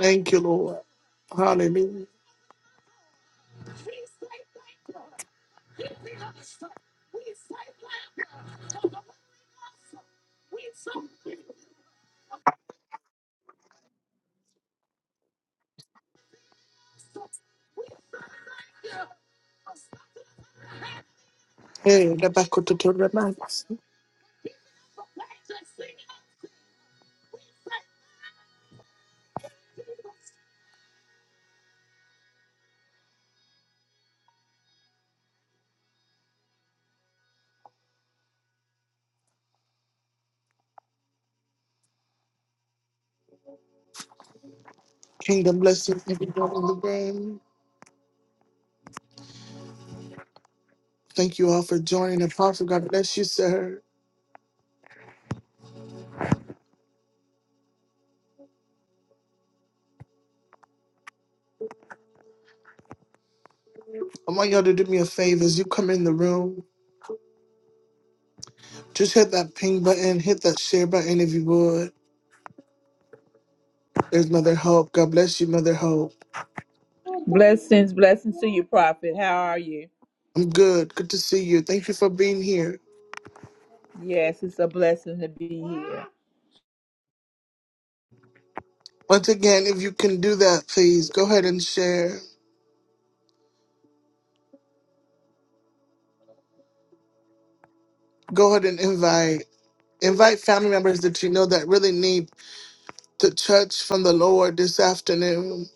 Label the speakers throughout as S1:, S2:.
S1: Thank you, Lord. Hallelujah. Hey, the back of the third round. Kingdom blessings, everyone in the room. Thank you all for joining. Apostle, God bless you, sir. I want y'all to do me a favor as you come in the room. Just hit that ping button, hit that share button if you would. There's Mother Hope. God bless you, Mother Hope.
S2: Blessings, blessings to you, Prophet. How are you?
S1: I'm good. Good to see you. Thank you for being here.
S2: Yes, it's a blessing to be here.
S1: Once again, if you can do that, please go ahead and share. Go ahead and invite. Invite family members that you know that really need to touch from the Lord this afternoon.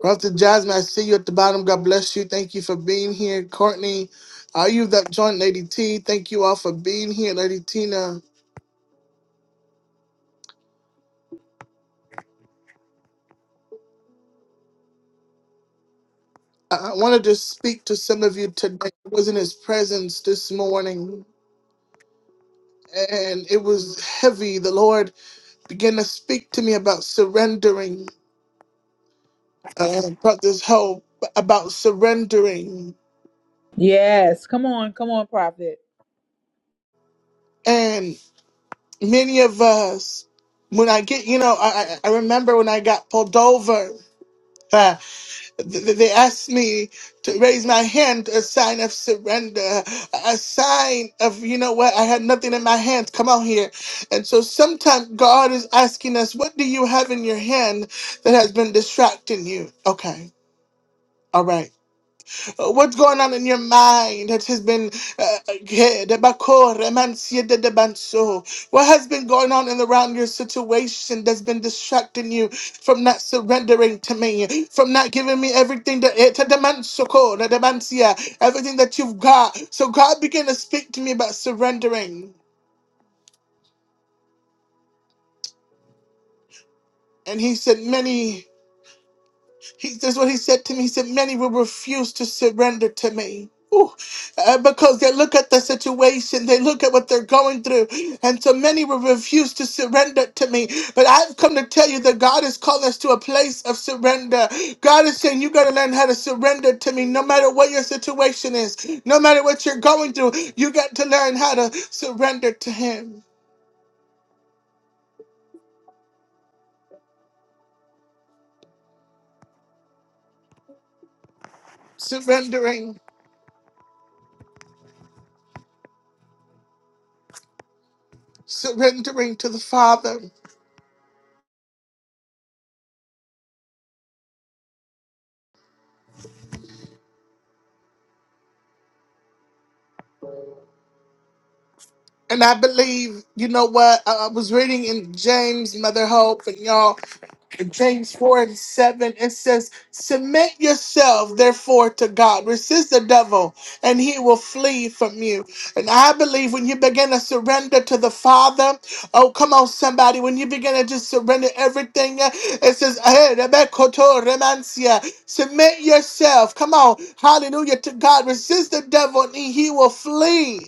S1: Brother Jasmine, I see you at the bottom. God bless you. Thank you for being here. Courtney, are you that joined Lady T? Thank you all for being here, Lady Tina. I, I wanted to speak to some of you today. I was in his presence this morning and it was heavy. The Lord began to speak to me about surrendering, uh, about this hope, about surrendering.
S2: Yes, come on, come on, Prophet.
S1: many of us, when I get, you know, I, I I remember when I got pulled over, uh, th- th- they asked me to raise my hand, a sign of surrender, a sign of, you know what, I had nothing in my hands, come out here. And so sometimes God is asking us, what do you have in your hand that has been distracting you? Okay, all right. Uh, What's going on in your mind that has been uh, yeah, de bako, remansia de de banso. what has been going on in around your situation that's been distracting you from not surrendering to me, from not giving me everything that eh, te de manso ko, de de mansia, everything that you've got. So God began to speak to me about surrendering. And he said, Many He, this is what he said to me. He said, Many will refuse to surrender to me. Ooh, uh, because they look at the situation, they look at what they're going through, and so many will refuse to surrender to me. But I've come to tell you that God is calling us to a place of surrender. God is saying, You got to learn how to surrender to me no matter what your situation is, no matter what you're going through. You got to learn how to surrender to Him, surrendering, surrendering to the Father. And I believe, you know what, I I was reading in James, Mother Hope, and y'all, in James 4 and 7, it says, Submit yourself, therefore, to God. Resist the devil, and he will flee from you. And I believe when you begin to surrender to the Father, oh, come on, somebody, when you begin to just surrender everything, uh, it says, "Eh, rebekoto remancia." Submit yourself, come on, hallelujah, to God. Resist the devil, and he will flee.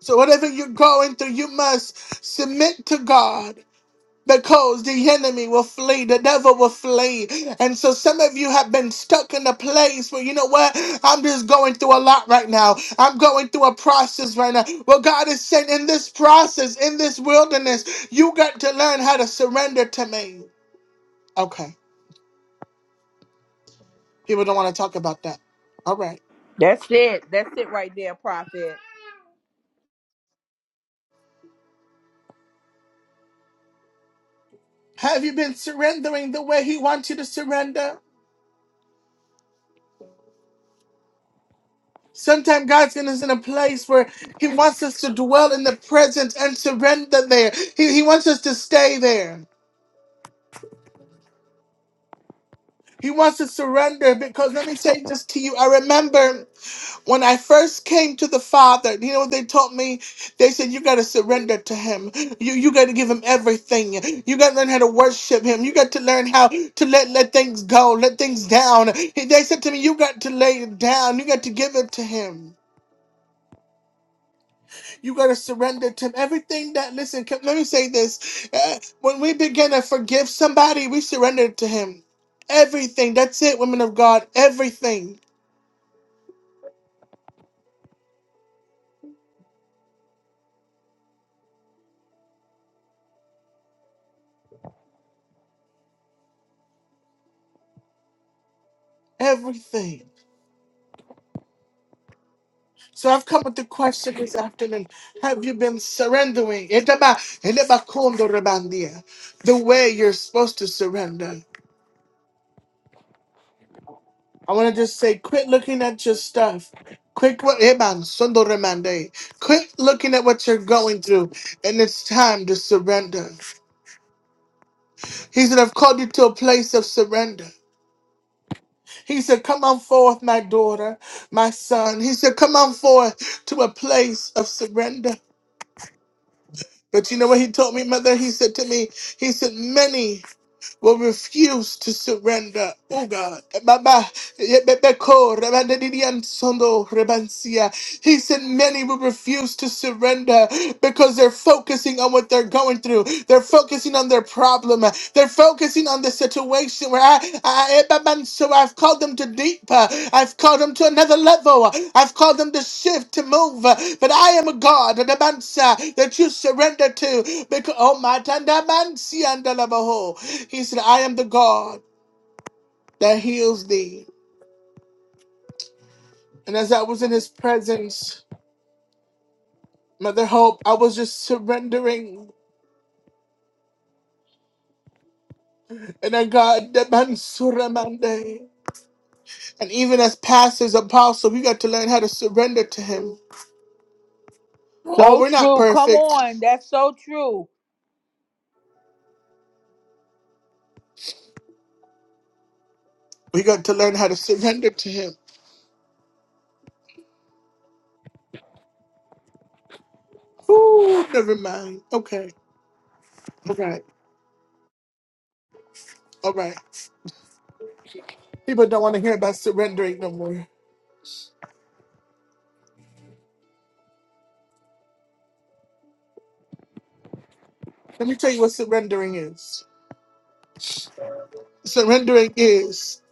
S1: So, whatever you're going through, you must submit to God because the enemy will flee, the devil will flee. And so, some of you have been stuck in a place where, you know what, I'm just going through a lot right now. I'm going through a process right now. Well, God is saying, in this process, in this wilderness, you got to learn how to surrender to me. Okay. People don't want to talk about that. All right.
S2: That's it. That's it right there, Prophet.
S1: Have you been surrendering the way He wants you to surrender? Sometimes God's in us in a place where He wants us to dwell in the presence and surrender there. He, he wants us to stay there. He wants to surrender because let me say this to you. I remember when I first came to the Father, you know, what they taught me, they said, you got to surrender to Him. You, you got to give Him everything. You got to learn how to worship Him. You got to learn how to let, let things go, let things down. They said to me, you got to lay it down. You got to give it to Him. You got to surrender to him. Everything that, listen, can- let me say this. Uh, When we begin to forgive somebody, we surrender to him. Everything. That's it, women of God. Everything. Everything. So I've come with the question this afternoon. Have you been surrendering? Etaba- elebakondo rebandia. The way you're supposed to surrender. I want to just say, quit looking at your stuff. Quit what eban sondo remande. Quit looking at what you're going through. And it's time to surrender. He said, I've called you to a place of surrender. He said, Come on forth, my daughter, my son. He said, Come on forth to a place of surrender. But you know what he told me, mother? He said to me, He said, Many will refuse to surrender. Oh God. Baba, yebebeko, rebandedidiansondo, rebansia. He said, Many will refuse to surrender because they're focusing on what they're going through. They're focusing on their problem. They're are focusing on the situation situation where I, I, I- man, so I've called them to deeper. I've called them to another level. I've called them to shift, to move. But I am a God, an Amansa, that you surrender to. Because, oh my, Tanda Mansi and Dalabaho. He said, I am the God that heals thee. And as I was in his presence, Mother Hope, I was just surrendering. And I got the Mansuramande. And even as pastors, apostles, we got to learn how to surrender to him. Oh,
S2: So
S1: we're not
S2: true. Come
S1: perfect.
S2: on. That's so true.
S1: We got to learn how to surrender to him. Ooh, never mind. Okay. All right. All right. People don't want to hear about surrendering no more. Let me tell you what surrendering is. Surrendering is,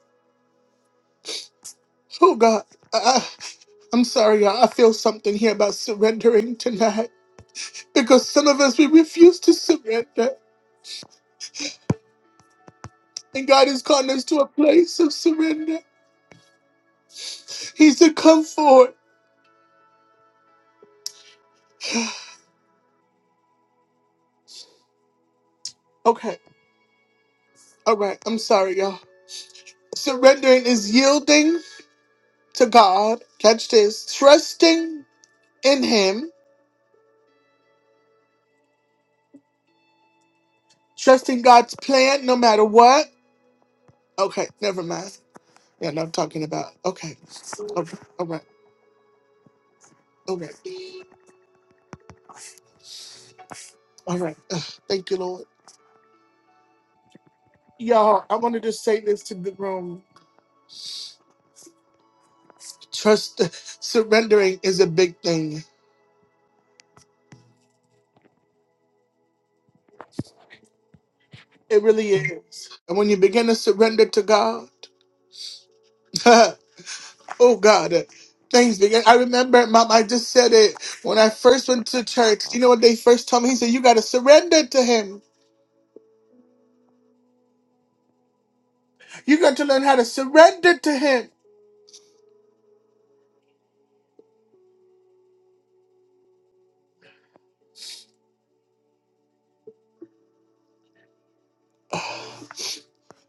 S1: oh God, I, I'm sorry, y'all. I feel something here about surrendering tonight because some of us, we refuse to surrender. And God is calling us to a place of surrender. He's a comfort. Okay. All right. I'm sorry, y'all. Surrendering is yielding. to God. Catch this. Trusting in Him. Trusting God's plan no matter what. Okay, never mind. Yeah, no, I'm talking about. Okay. Okay. All right. All right. All right. Ugh, thank you, Lord. Y'all, I wanted to say this to the room. Trust, surrendering is a big thing. It really is. And when you begin to surrender to God, Oh God. thanks, began. I remember, Mom, I just said it when I first went to church. You know what they first told me? He said, You got to surrender to Him. You got to learn how to surrender to Him.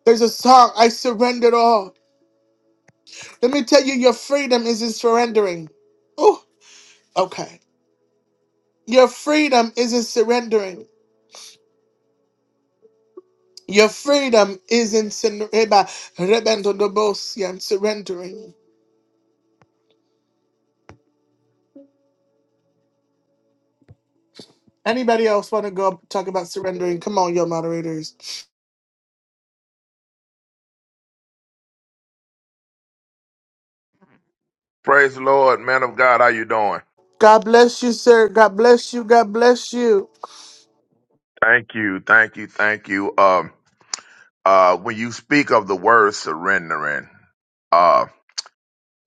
S1: There's a song, I surrendered all. Let me tell you, your freedom is in surrendering. Oh, okay. Your freedom is in surrendering. Your freedom is in sin- reba- rebendodobosi and surrendering. Anybody else want to go talk about surrendering? Come on, your moderators.
S3: Praise the Lord, man of God. How you doing?
S1: God bless you, sir. God bless you. God bless you.
S3: Thank you, thank you, thank you. Um, uh, when you speak of the word surrendering, uh,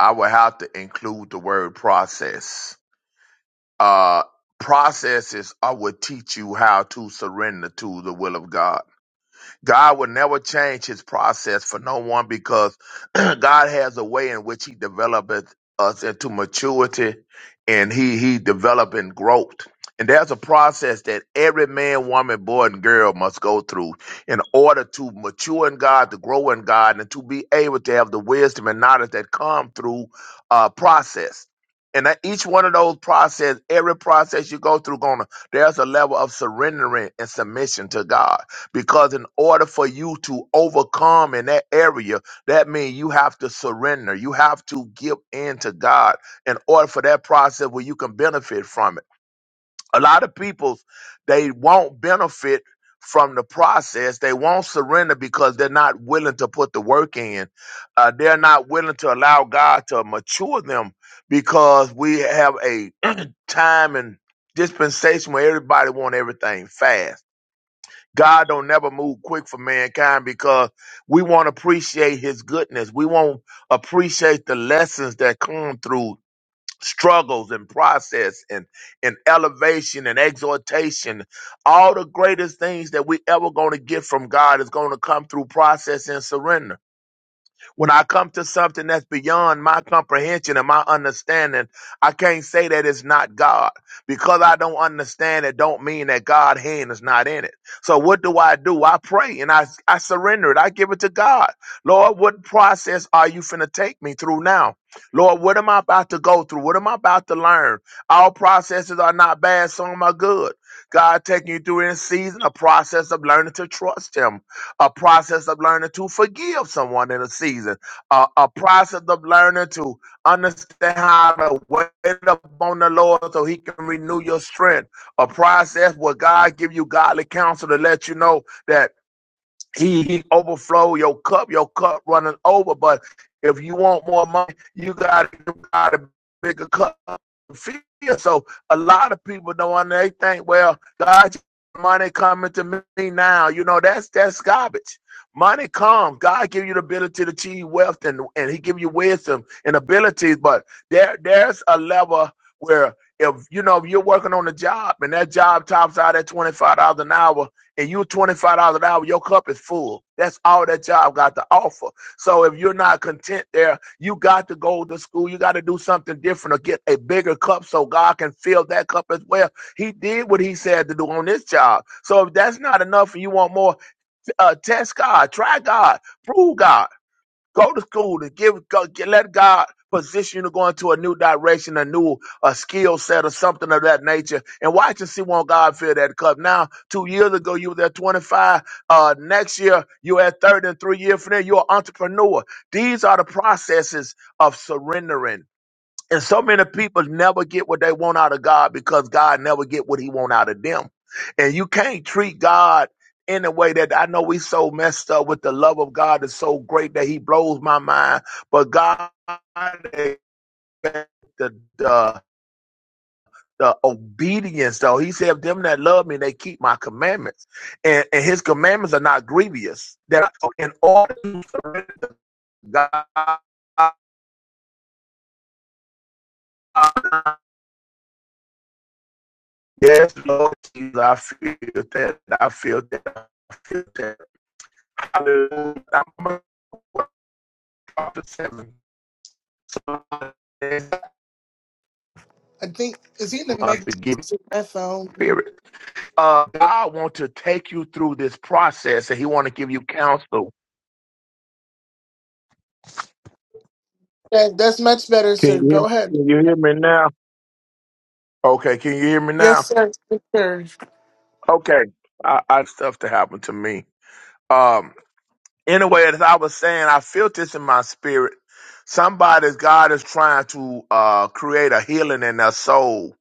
S3: I would have to include the word process. Uh, processes I would teach you how to surrender to the will of God. God will never change his process for no one because God has a way in which he developeth us into maturity and he he developing growth. And there's a process that every man, woman, boy, and girl must go through in order to mature in God, to grow in God, and to be able to have the wisdom and knowledge that come through uh process. And that each one of those process, every process you go through, gonna there's a level of surrendering and submission to God because in order for you to overcome in that area, that means you have to surrender. You have to give in to God in order for that process where you can benefit from it. A lot of people, they won't benefit from the process. They won't surrender because they're not willing to put the work in. Uh, they're not willing to allow God to mature them because we have a time and dispensation where everybody want everything fast God don't never move quick for mankind because we won't appreciate his goodness. We won't appreciate the lessons that come through struggles and process and, and elevation and exhortation. All the greatest things that we ever going to get from God is going to come through process and surrender. When I come to something that's beyond my comprehension and my understanding, I can't say that it's not God. Because I don't understand it, don't mean that God's hand is not in it. So what do I do? I pray and I, I surrender it. I give it to God. Lord, what process are you finna take me through now? Lord, what am I about to go through? What am I about to learn? All processes are not bad, some are good. God taking you through in a season, a process of learning to trust Him a process of learning to forgive someone in a season, a, a process of learning to understand how to wait upon the Lord so He can renew your strength, a process where God give you godly counsel to let you know that need overflow your cup, your cup running over. But if you want more money, you got to got a bigger cup. to fill. So a lot of people don't under- they think, well, God, money coming to me now. You know that's that's garbage. Money comes. God give you the ability to achieve wealth, and and He give you wisdom and abilities. But there there's a level where if you know if you're working on a job and that job tops out at twenty five dollars an hour and you $25 an hour, your cup is full. That's all that job got to offer. So if you're not content there, you got to go to school. You got to do something different or get a bigger cup so God can fill that cup as well. He did what he said to do on this job. So if that's not enough and you want more, uh, test God, try God, prove God. Go to school to give go, get- let God position you to go into a new direction, a new a skill set or something of that nature. And watch and see when God fill that cup. Now, two years ago you was at 25. Uh next year you're at 30 and three years from there, you're an entrepreneur. These are the processes of surrendering. And so many people never get what they want out of God because God never get what he want out of them. And you can't treat God in a way that I know we so messed up with the love of God is so great that he blows my mind. But God the the the obedience though. He said, "If them that love me, they keep my commandments. And, and his commandments are not grievous. That in order to God Yes, Lord Jesus, I feel that. I feel that. I feel that. Hallelujah. I'm going to chapter 7.
S1: I think is he in the Matrix?
S3: Unforgiving
S1: My phone.
S3: spirit. Uh, God wants to take you through this process and he wants to give you counsel.
S1: That, that's much better, sir.
S3: Can you hear
S1: Go
S3: me?
S1: ahead.
S3: Can you hear me now? Okay, can you hear me
S1: Yes,
S3: now?
S1: sir. Yes, sir.
S3: Okay. I, I stuff to happen to me. Um anyway, as I was saying, I feel this in my spirit. Somebody's God is trying to uh create a healing in their soul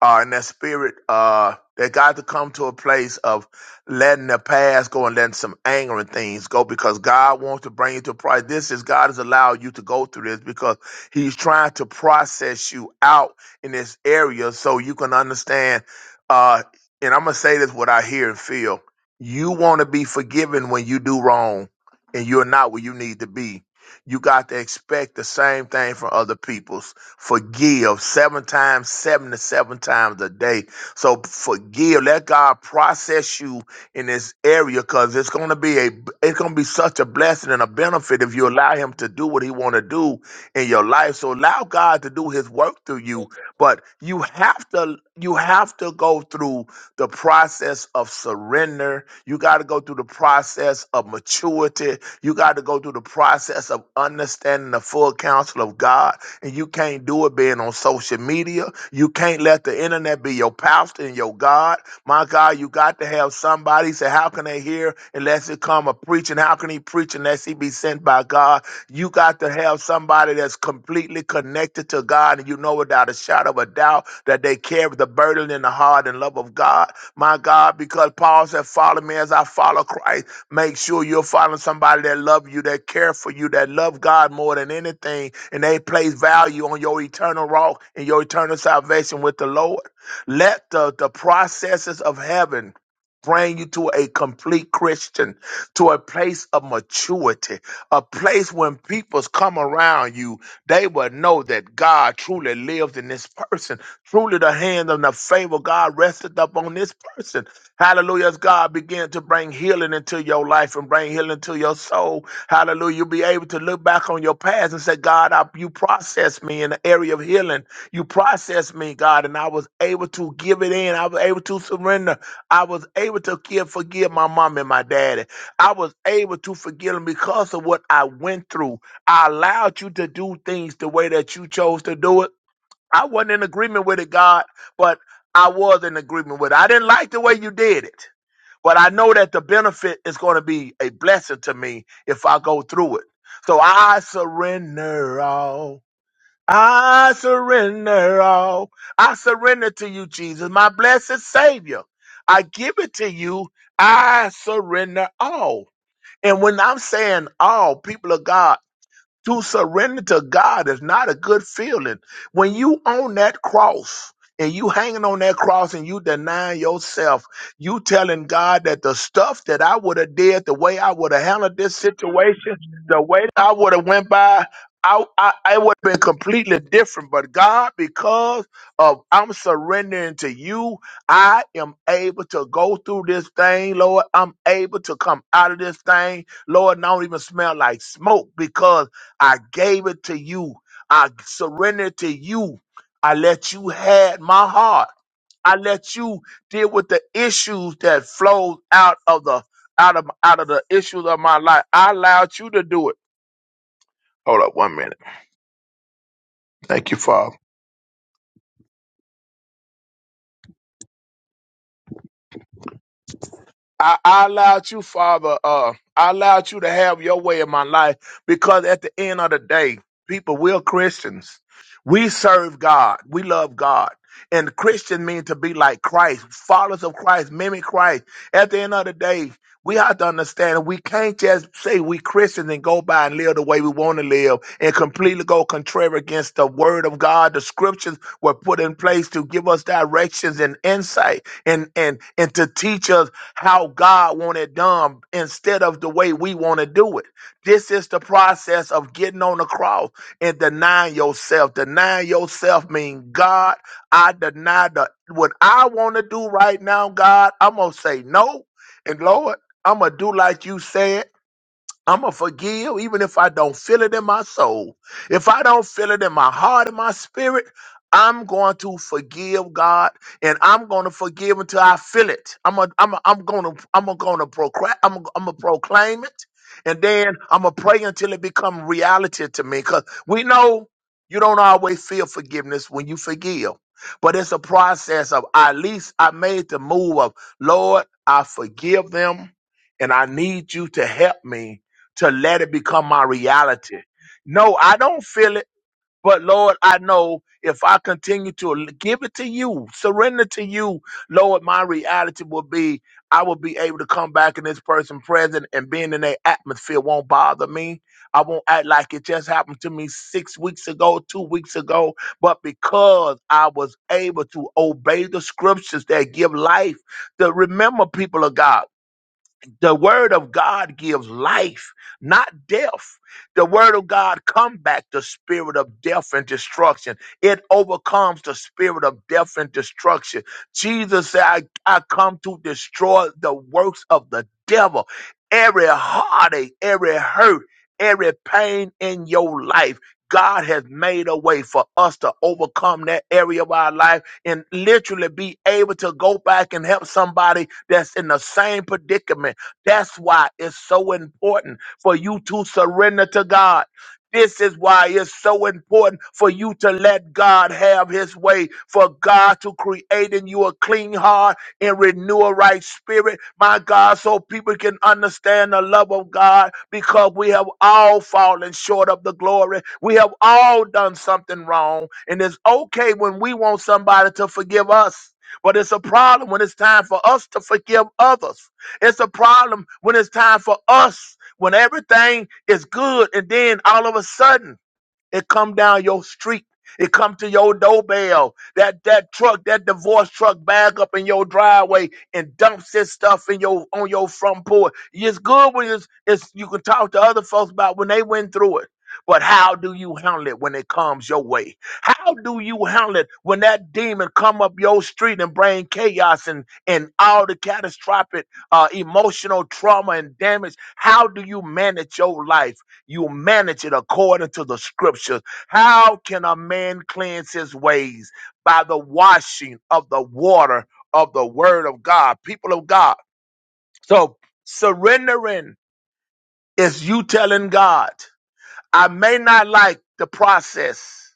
S3: uh, and that spirit uh, that got to come to a place of letting the past go and letting some anger and things go because God wants to bring you to pride. This is God has allowed you to go through this because He's trying to process you out in this area so you can understand. Uh, and I'm gonna say this what I hear and feel. You want to be forgiven when you do wrong, and you're not where you need to be. You got to expect the same thing from other people. Forgive seven times, 77 times a day. So forgive. Let God process you in this area because it's gonna be a it's gonna be such a blessing and a benefit if you allow him to do what he wanna do in your life. So allow God to do his work through you. But you have to you have to go through the process of surrender. You got to go through the process of maturity. You got to go through the process of understanding the full counsel of God and you can't do it being on social media. You can't let the internet be your pastor and your God. My God, you got to have somebody say, How can they hear unless it come a preaching? How can he preach unless he be sent by God? You got to have somebody that's completely connected to God and you know it a shadow of a doubt that they carry the burden in the heart and love of God. My God, because Paul said, Follow me as I follow Christ. Make sure you're following somebody that love you, that care for you, that love God more than anything, and they place value on your eternal walk and your eternal salvation with the Lord. Let the, the processes of heaven bring you to a complete Christian, to a place of maturity, a place when peoples come around you, they will know that God truly lives in this person. Truly the hand and the favor of God rested upon this person. Hallelujah. As God began to bring healing into your life and bring healing to your soul. Hallelujah. You'll be able to look back on your past and say, God, I, you processed me in the area of healing. You processed me, God, and I was able to give it in. I was able to surrender. I was able to give, forgive my mom and my daddy. I was able to forgive them because of what I went through. I allowed you to do things the way that you chose to do it. I wasn't in agreement with it, God, but I was in agreement with it. I didn't like the way you did it, but I know that the benefit is going to be a blessing to me if I go through it. So I surrender all. I surrender all. I surrender to you, Jesus, my blessed Savior. I give it to you. I surrender all. And when I'm saying all, people of God to surrender to God is not a good feeling. When you on that cross and you hanging on that cross and you denying yourself, you telling God that the stuff that I would have did, the way I would have handled this situation, the way I would have went by, I, I, I would have been completely different. But God, because of I'm surrendering to you, I am able to go through this thing, Lord. I'm able to come out of this thing Lord, and I don't even smell like smoke because I gave it to you. I surrendered to you. I let you had my heart. I let you deal with the issues that flowed out of the out of out of the issues of my life. I allowed you to do it. Hold up one minute. Thank you, Father. I, I allowed you, Father, uh, I allowed you to have your way in my life because at the end of the day, people, we're Christians. We serve God. We love God. And Christian means to be like Christ, followers of Christ, mimic Christ. At the end of the day, we have to understand we can't just say we Christians and go by and live the way we want to live and completely go contrary against the word of God. The scriptures were put in place to give us directions and insight and and and to teach us how God want it done instead of the way we want to do it. This is the process of getting on the cross and denying yourself. Denying yourself means God, I deny the what I want to do right now, God, I'm gonna say no. And Lord, I'm gonna do like you said. I'm going to forgive even if I don't feel it in my soul. If I don't feel it in my heart and my spirit, I'm going to forgive God and I'm going to forgive until I feel it. I'm a, I'm a, I'm going to I'm going to proclaim I'm a, I'm going to proclaim it and then I'm going to pray until it become reality to me cuz we know you don't always feel forgiveness when you forgive. But it's a process of at least I made the move of Lord, I forgive them and I need you to help me to let it become my reality. No, I don't feel it, but Lord, I know if I continue to l- give it to you, surrender to you, Lord, my reality will be I will be able to come back in this person present and being in their atmosphere won't bother me. I won't act like it just happened to me six weeks ago, two weeks ago, but because I was able to obey the scriptures that give life, to remember people of God. The word of God gives life, not death. The word of God come back the spirit of death and destruction. It overcomes the spirit of death and destruction. Jesus said, I, I come to destroy the works of the devil. Every heartache, every hurt, every pain in your life. God has made a way for us to overcome that area of our life and literally be able to go back and help somebody that's in the same predicament that's why it's so important for you to surrender to God. This is why it's so important for you to let God have his way, for God to create in you a clean heart and renew a right spirit, my God, so people can understand the love of God because we have all fallen short of the glory. We have all done something wrong. And it's okay when we want somebody to forgive us, but it's a problem when it's time for us to forgive others. It's a problem when it's time for us, when everything is good, and then all of a sudden it come down your street. It come to your doorbell. That that truck, that divorce truck, bag up in your driveway and dumps this stuff in your on your front porch. It's good when it's, it's you can talk to other folks about when they went through it. But how do you handle it when it comes your way? How do you handle it when that demon come up your street and bring chaos and, and all the catastrophic uh, emotional trauma and damage? How do you manage your life? You manage it according to the scriptures. How can a man cleanse his ways? By the washing of the water of the word of God, people of God. So surrendering is you telling God, I may not like the process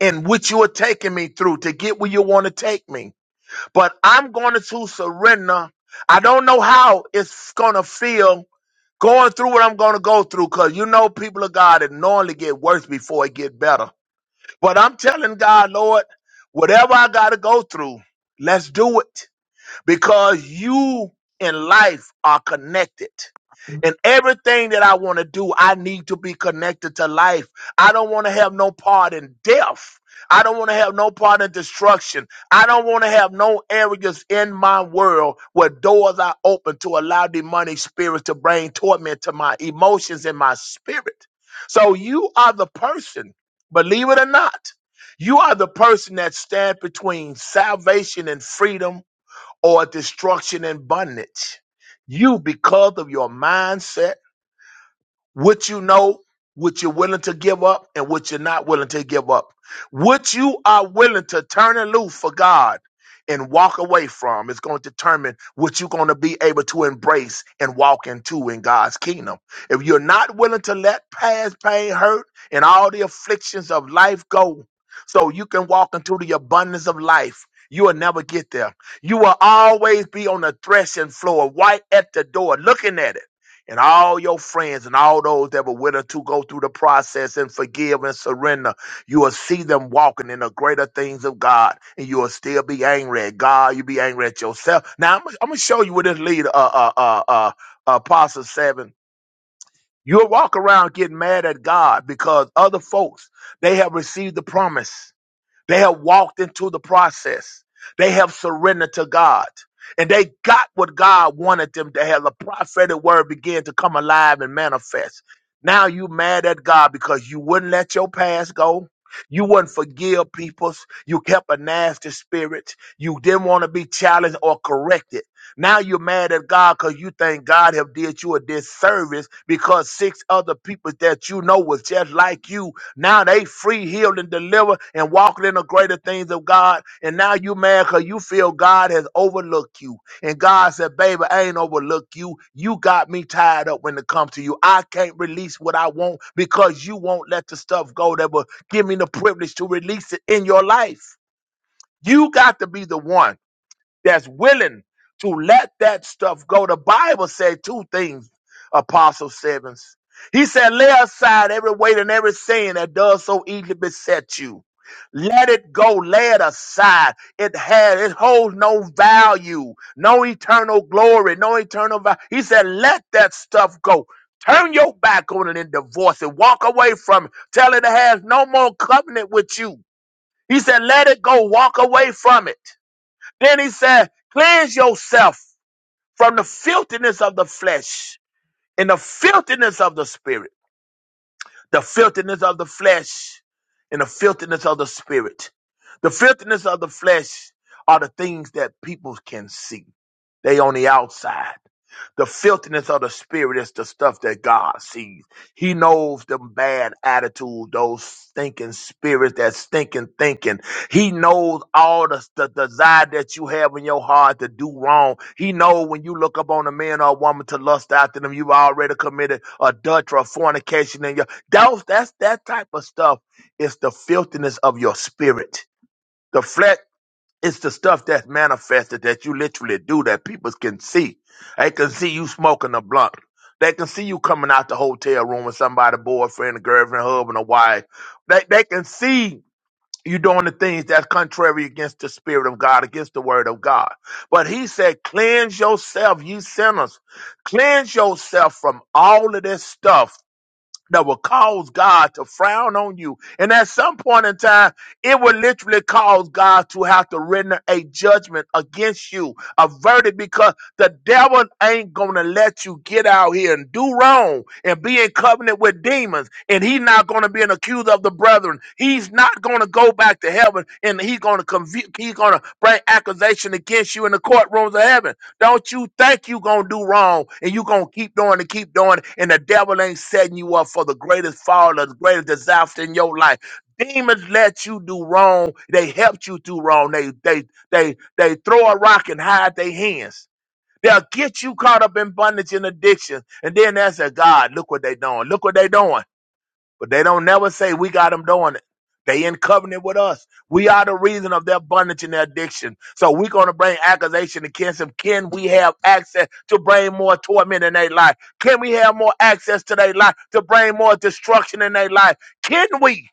S3: in which you are taking me through to get where you want to take me but I'm going to surrender. I don't know how it's going to feel going through what I'm going to go through because you know people of God it normally get worse before it get better. But I'm telling God, Lord, whatever I got to go through, let's do it because you and life are connected. And everything that I want to do, I need to be connected to life. I don't want to have no part in death. I don't want to have no part in destruction. I don't want to have no areas in my world where doors are open to allow demonic spirits to bring torment to my emotions and my spirit. So you are the person, believe it or not, you are the person that stands between salvation and freedom or destruction and bondage. You, because of your mindset, what you know, what you're willing to give up, and what you're not willing to give up. What you are willing to turn and loose for God and walk away from is going to determine what you're going to be able to embrace and walk into in God's kingdom. If you're not willing to let past pain, hurt, and all the afflictions of life go so you can walk into the abundance of life, you will never get there. You will always be on the threshing floor, right at the door, looking at it and all your friends and all those that were willing to go through the process and forgive and surrender, you will see them walking in the greater things of God, and you will still be angry at God. You be angry at yourself. Now I'm, I'm gonna show you with this lead, uh, uh, uh, uh, Apostle Seven. You'll walk around getting mad at God because other folks they have received the promise they have walked into the process. They have surrendered to God. And they got what God wanted them to have. The prophetic word began to come alive and manifest. Now you mad at God because you wouldn't let your past go. You wouldn't forgive people. You kept a nasty spirit. You didn't want to be challenged or corrected. Now you're mad at God because you think God have did you a disservice because six other people that you know was just like you now they free, healed, and delivered and walking in the greater things of God. And now you mad because you feel God has overlooked you. And God said, baby, I ain't overlooked you. You got me tied up when it comes to you. I can't release what I want because you won't let the stuff go that will give me the privilege to release it in your life. You got to be the one that's willing to let that stuff go. The Bible said two things, Apostle Stevens. He said, lay aside every weight and every sin that does so easily beset you. Let it go, lay it aside. It had, it holds no value, no eternal glory, no eternal value. He said, let that stuff go. Turn your back on it and divorce it. Walk away from it. Tell it it has no more covenant with you. He said, let it go. Walk away from it. Then he said, Cleanse yourself from the filthiness of the flesh and the filthiness of the spirit. The filthiness of the flesh and the filthiness of the spirit. The filthiness of the flesh are the things that people can see. They on the outside. The filthiness of the spirit is the stuff that God sees. He knows the bad attitude, those stinking spirits, that stinking thinking. He knows all the, the desire that you have in your heart to do wrong. He knows when you look up on a man or a woman to lust after them, you've already committed adultery or fornication. And your that's, that's that type of stuff is the filthiness of your spirit. The flesh. It's the stuff that's manifested that you literally do that people can see. They can see you smoking a blunt. They can see you coming out the hotel room with somebody, boyfriend, a girlfriend, husband, a wife. They they can see you doing the things that's contrary against the spirit of God, against the word of God. But he said, cleanse yourself, you sinners. Cleanse yourself from all of this stuff that will cause God to frown on you. And at some point in time, it will literally cause God to have to render a judgment against you, a verdict, because the devil ain't going to let you get out here and do wrong and be in covenant with demons. And he's not going to be an accuser of the brethren. He's not going to go back to heaven and he's going to convict, he's going to bring accusation against you in the courtrooms of heaven. Don't you think you gonna do wrong and you gonna keep doing and keep doing, and the devil ain't setting you up for the greatest fall or the greatest disaster in your life. Demons let you do wrong. They helped you do wrong. They they they they throw a rock and hide their hands. They'll get you caught up in bondage and addiction. And then they say, God, look what they doing. Look what they doing. But they don't never say we got them doing it. They in covenant with us. We are the reason of their bondage and their addiction. So we're going to bring accusation against them. Can we have access to bring more torment in their life? Can we have more access to their life to bring more destruction in their life? Can we?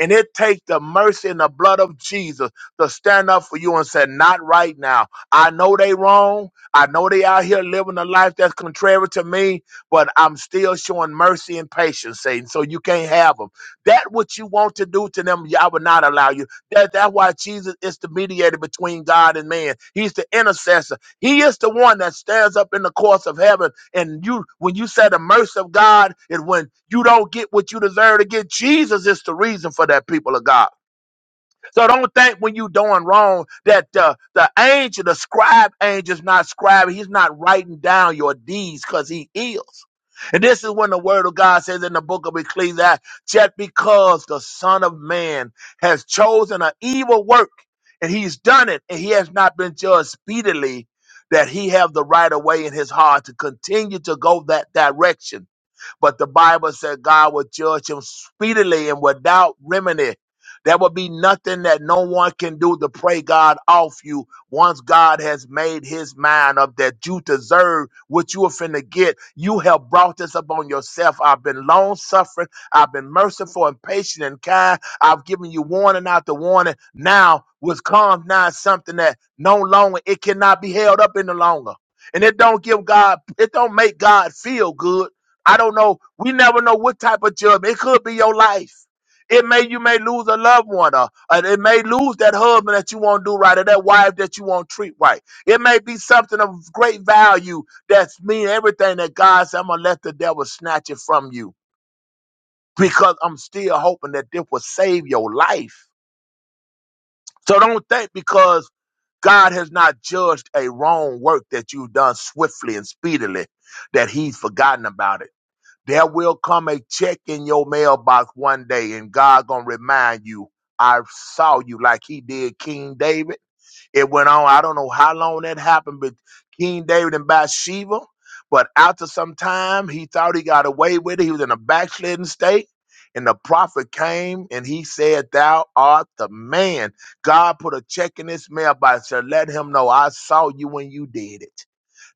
S3: And it takes the mercy and the blood of Jesus to stand up for you and say, not right now. I know they wrong. I know they out here living a life that's contrary to me but I'm still showing mercy and patience, Satan. So you can't have them. That what you want to do to them, I would not allow you. That that's why Jesus is the mediator between God and man. He's the intercessor. He is the one that stands up in the courts of heaven. And you, when you say the mercy of God, and when you don't get what you deserve to get, Jesus is the reason for that people of God. So don't think when you doing wrong that uh, the angel, the scribe angel, is not scribing. He's not writing down your deeds because he is. And this is when the word of God says in the book of Ecclesiastes, just because the son of man has chosen an evil work and he's done it and he has not been judged speedily, that he have the right of way in his heart to continue to go that direction but the Bible said God would judge him speedily and without remedy. There will be nothing that no one can do to pray God off you once God has made his mind up that you deserve what you are finna get. You have brought this upon yourself. I've been long suffering. I've been merciful and patient and kind. I've given you warning after warning. Now, what comes now is something that no longer, it cannot be held up any longer. And it don't give God, it don't make God feel good I don't know. We never know what type of job. It could be your life. It may you may lose a loved one, or, or it may lose that husband that you won't do right, or that wife that you won't treat right. It may be something of great value that's mean everything that God said. I'm gonna let the devil snatch it from you because I'm still hoping that this will save your life. So don't think because God has not judged a wrong work that you've done swiftly and speedily, that He's forgotten about it. There will come a check in your mailbox one day, and God gonna remind you, I saw you like he did King David. It went on, I don't know how long that happened, but King David and Bathsheba. But after some time, he thought he got away with it. He was in a backslidden state. And the prophet came and he said, Thou art the man. God put a check in his mailbox and said, let him know I saw you when you did it.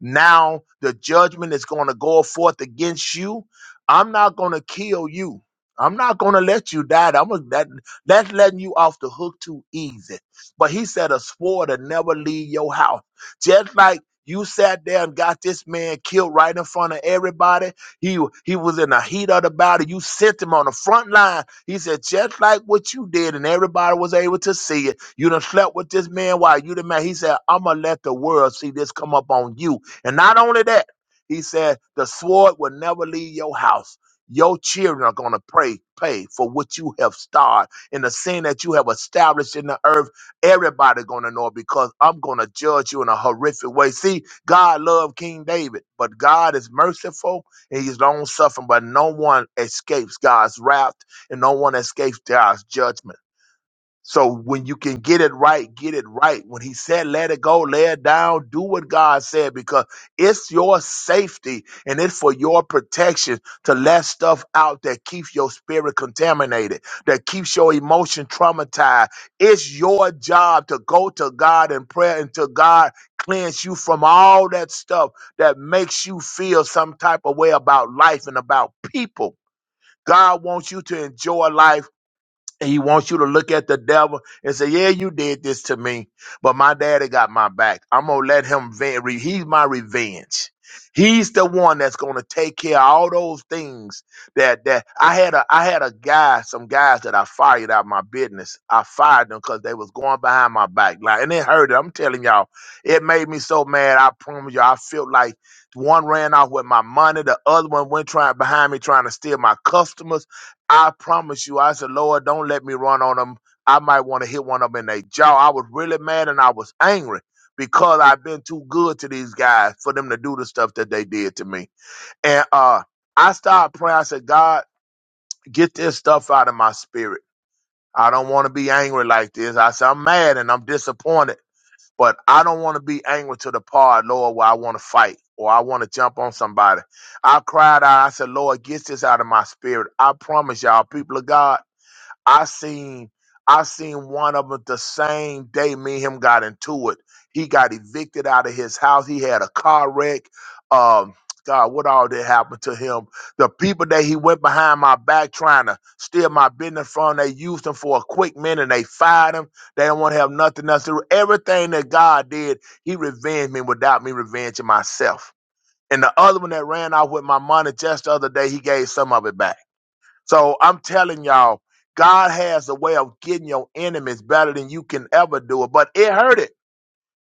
S3: Now the judgment is going to go forth against you. I'm not going to kill you. I'm not going to let you die. I'm gonna, that, that's letting you off the hook too easy. But he said a sword to never leave your house. Just like you sat there and got this man killed right in front of everybody. He he was in the heat of the battle. You sent him on the front line. He said, just like what you did, and everybody was able to see it. You done slept with this man while you the man. He said, I'ma let the world see this come up on you. And not only that, he said, the sword will never leave your house. Your children are going to pray, pay for what you have started and the sin that you have established in the earth. Everybody going to know it because I'm going to judge you in a horrific way. See, God loved King David, but God is merciful and he's long suffering, but no one escapes God's wrath and no one escapes God's judgment. So when you can get it right, get it right. When he said, let it go, lay it down, do what God said, because it's your safety and it's for your protection to let stuff out that keeps your spirit contaminated, that keeps your emotion traumatized. It's your job to go to God in prayer and to God cleanse you from all that stuff that makes you feel some type of way about life and about people. God wants you to enjoy life and he wants you to look at the devil and say, Yeah, you did this to me, but my daddy got my back. I'm going to let him vent. re- He's my revenge. He's the one that's going to take care of all those things that that I had a I had a guy some guys that I fired out of my business. I fired them because they was going behind my back like and it hurt. I'm telling y'all, it made me so mad. I promise you, I felt like one ran off with my money, the other one went trying behind me trying to steal my customers. I promise you, I said, Lord, don't let me run on them. I might want to hit one of them in their jaw. I was really mad and I was angry because I've been too good to these guys for them to do the stuff that they did to me. And uh, I started praying. I said, God, get this stuff out of my spirit. I don't want to be angry like this. I said, I'm mad and I'm disappointed, but I don't want to be angry to the part, Lord, where I want to fight or I want to jump on somebody. I cried out. I said, Lord, get this out of my spirit. I promise y'all, people of God. I seen I seen one of them the same day me and him got into it. He got evicted out of his house. He had a car wreck. Um, God, what all did happen to him? The people that he went behind my back trying to steal my business from, they used him for a quick minute. and They fired him. They don't want to have nothing else to do. Everything that God did, he revenged me without me revenging myself. And the other one that ran off with my money just the other day, he gave some of it back. So I'm telling y'all, God has a way of getting your enemies better than you can ever do it. But it hurt it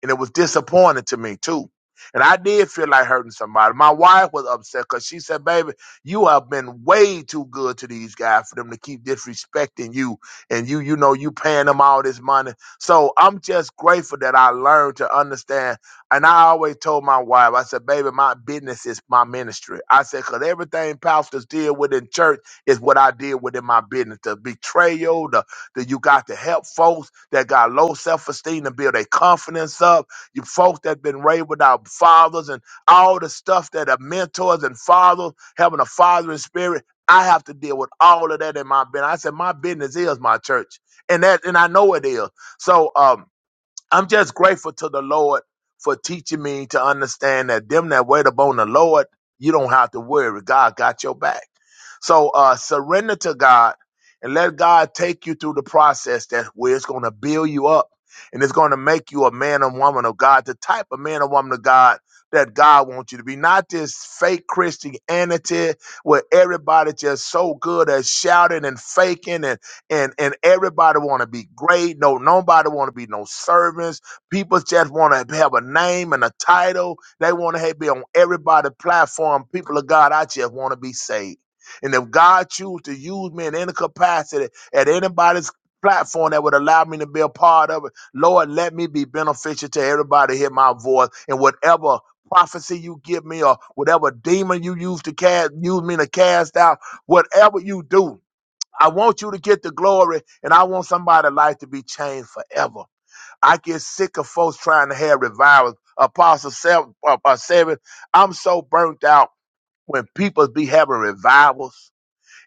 S3: and it was disappointing to me too. And I did feel like hurting somebody. My wife was upset because she said, "Baby, you have been way too good to these guys for them to keep disrespecting you, and you, you know, you paying them all this money." So I'm just grateful that I learned to understand. And I always told my wife, I said, "Baby, my business is my ministry." I said, "Cause everything pastors deal with in church is what I deal with in my business: the betrayal, the..." that you got to help folks that got low self-esteem to build their confidence up. You folks that been raised without fathers and all the stuff that are mentors and fathers, having a father in spirit. I have to deal with all of that in my business. I said my business is my church, and that and I know it is. So um, I'm just grateful to the Lord for teaching me to understand that them that wait upon the Lord, you don't have to worry. God got your back. So uh, surrender to God and let God take you through the process that where it's going to build you up and it's going to make you a man and woman of God, the type of man and woman of God that God wants you to be. Not this fake Christianity where everybody just so good at shouting and faking and and and everybody want to be great. No, nobody want to be no servants. People just want to have a name and a title. They want to be on everybody's platform. People of God, I just want to be saved. And if God choose to use me in any capacity at anybody's platform that would allow me to be a part of it, Lord, let me be beneficial to everybody. to Hear my voice and whatever. Prophecy you give me, or whatever demon you use to cast, use me to cast out, whatever you do, I want you to get the glory, and I want somebody's life to be changed forever. I get sick of folks trying to have revivals. Apostle seven, uh, uh, seven I'm so burnt out when people be having revivals.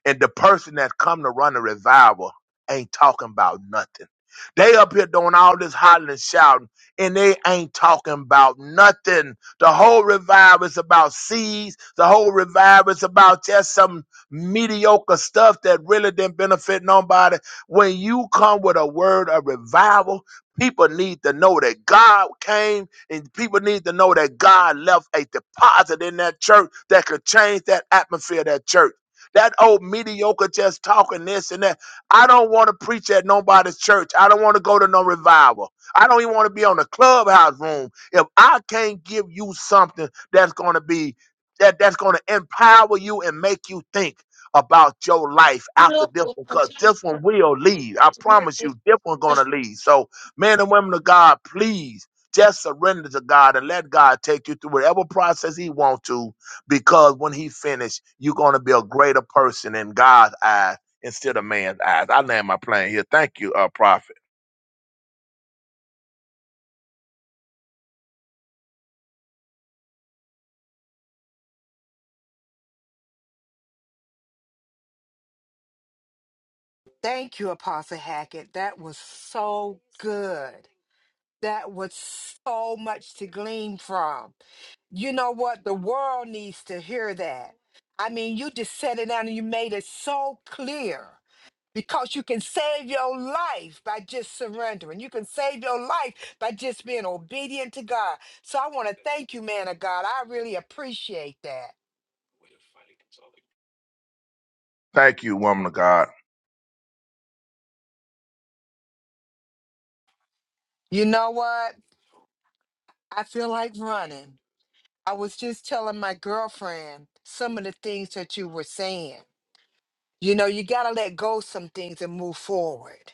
S3: And the person that come to run a revival ain't talking about nothing. They up here doing all this hollering and shouting, and they ain't talking about nothing. The whole revival is about seeds. The whole revival is about just some mediocre stuff that really didn't benefit nobody. When you come with a word of revival, people need to know that God came, and people need to know that God left a deposit in that church that could change that atmosphere of that church. That old mediocre just talking this and that. I don't want to preach at nobody's church. I don't want to go to no revival. I don't even want to be on the clubhouse room. If I can't give you something that's going to be that that's going to empower you and make you think about your life after this one, because this one will lead. I promise you, this one's gonna lead. So, men and women of God, please just surrender to God and let God take you through whatever process He wants to because when he finished, you're going to be a greater person in God's eyes instead of man's eyes. I land my plane here. Thank you, uh, prophet.
S4: Thank you, Apostle Hackett. That was so good. That was so much to glean from. You know what? The world needs to hear that. I mean, you just said it down and you made it so clear because you can save your life by just surrendering. You can save your life by just being obedient to God. So I want to thank you, man of God. I really appreciate that.
S3: Thank you, woman of God.
S4: You know what? I feel like running. I was just telling my girlfriend some of the things that you were saying. You know, you got to let go some things and move forward.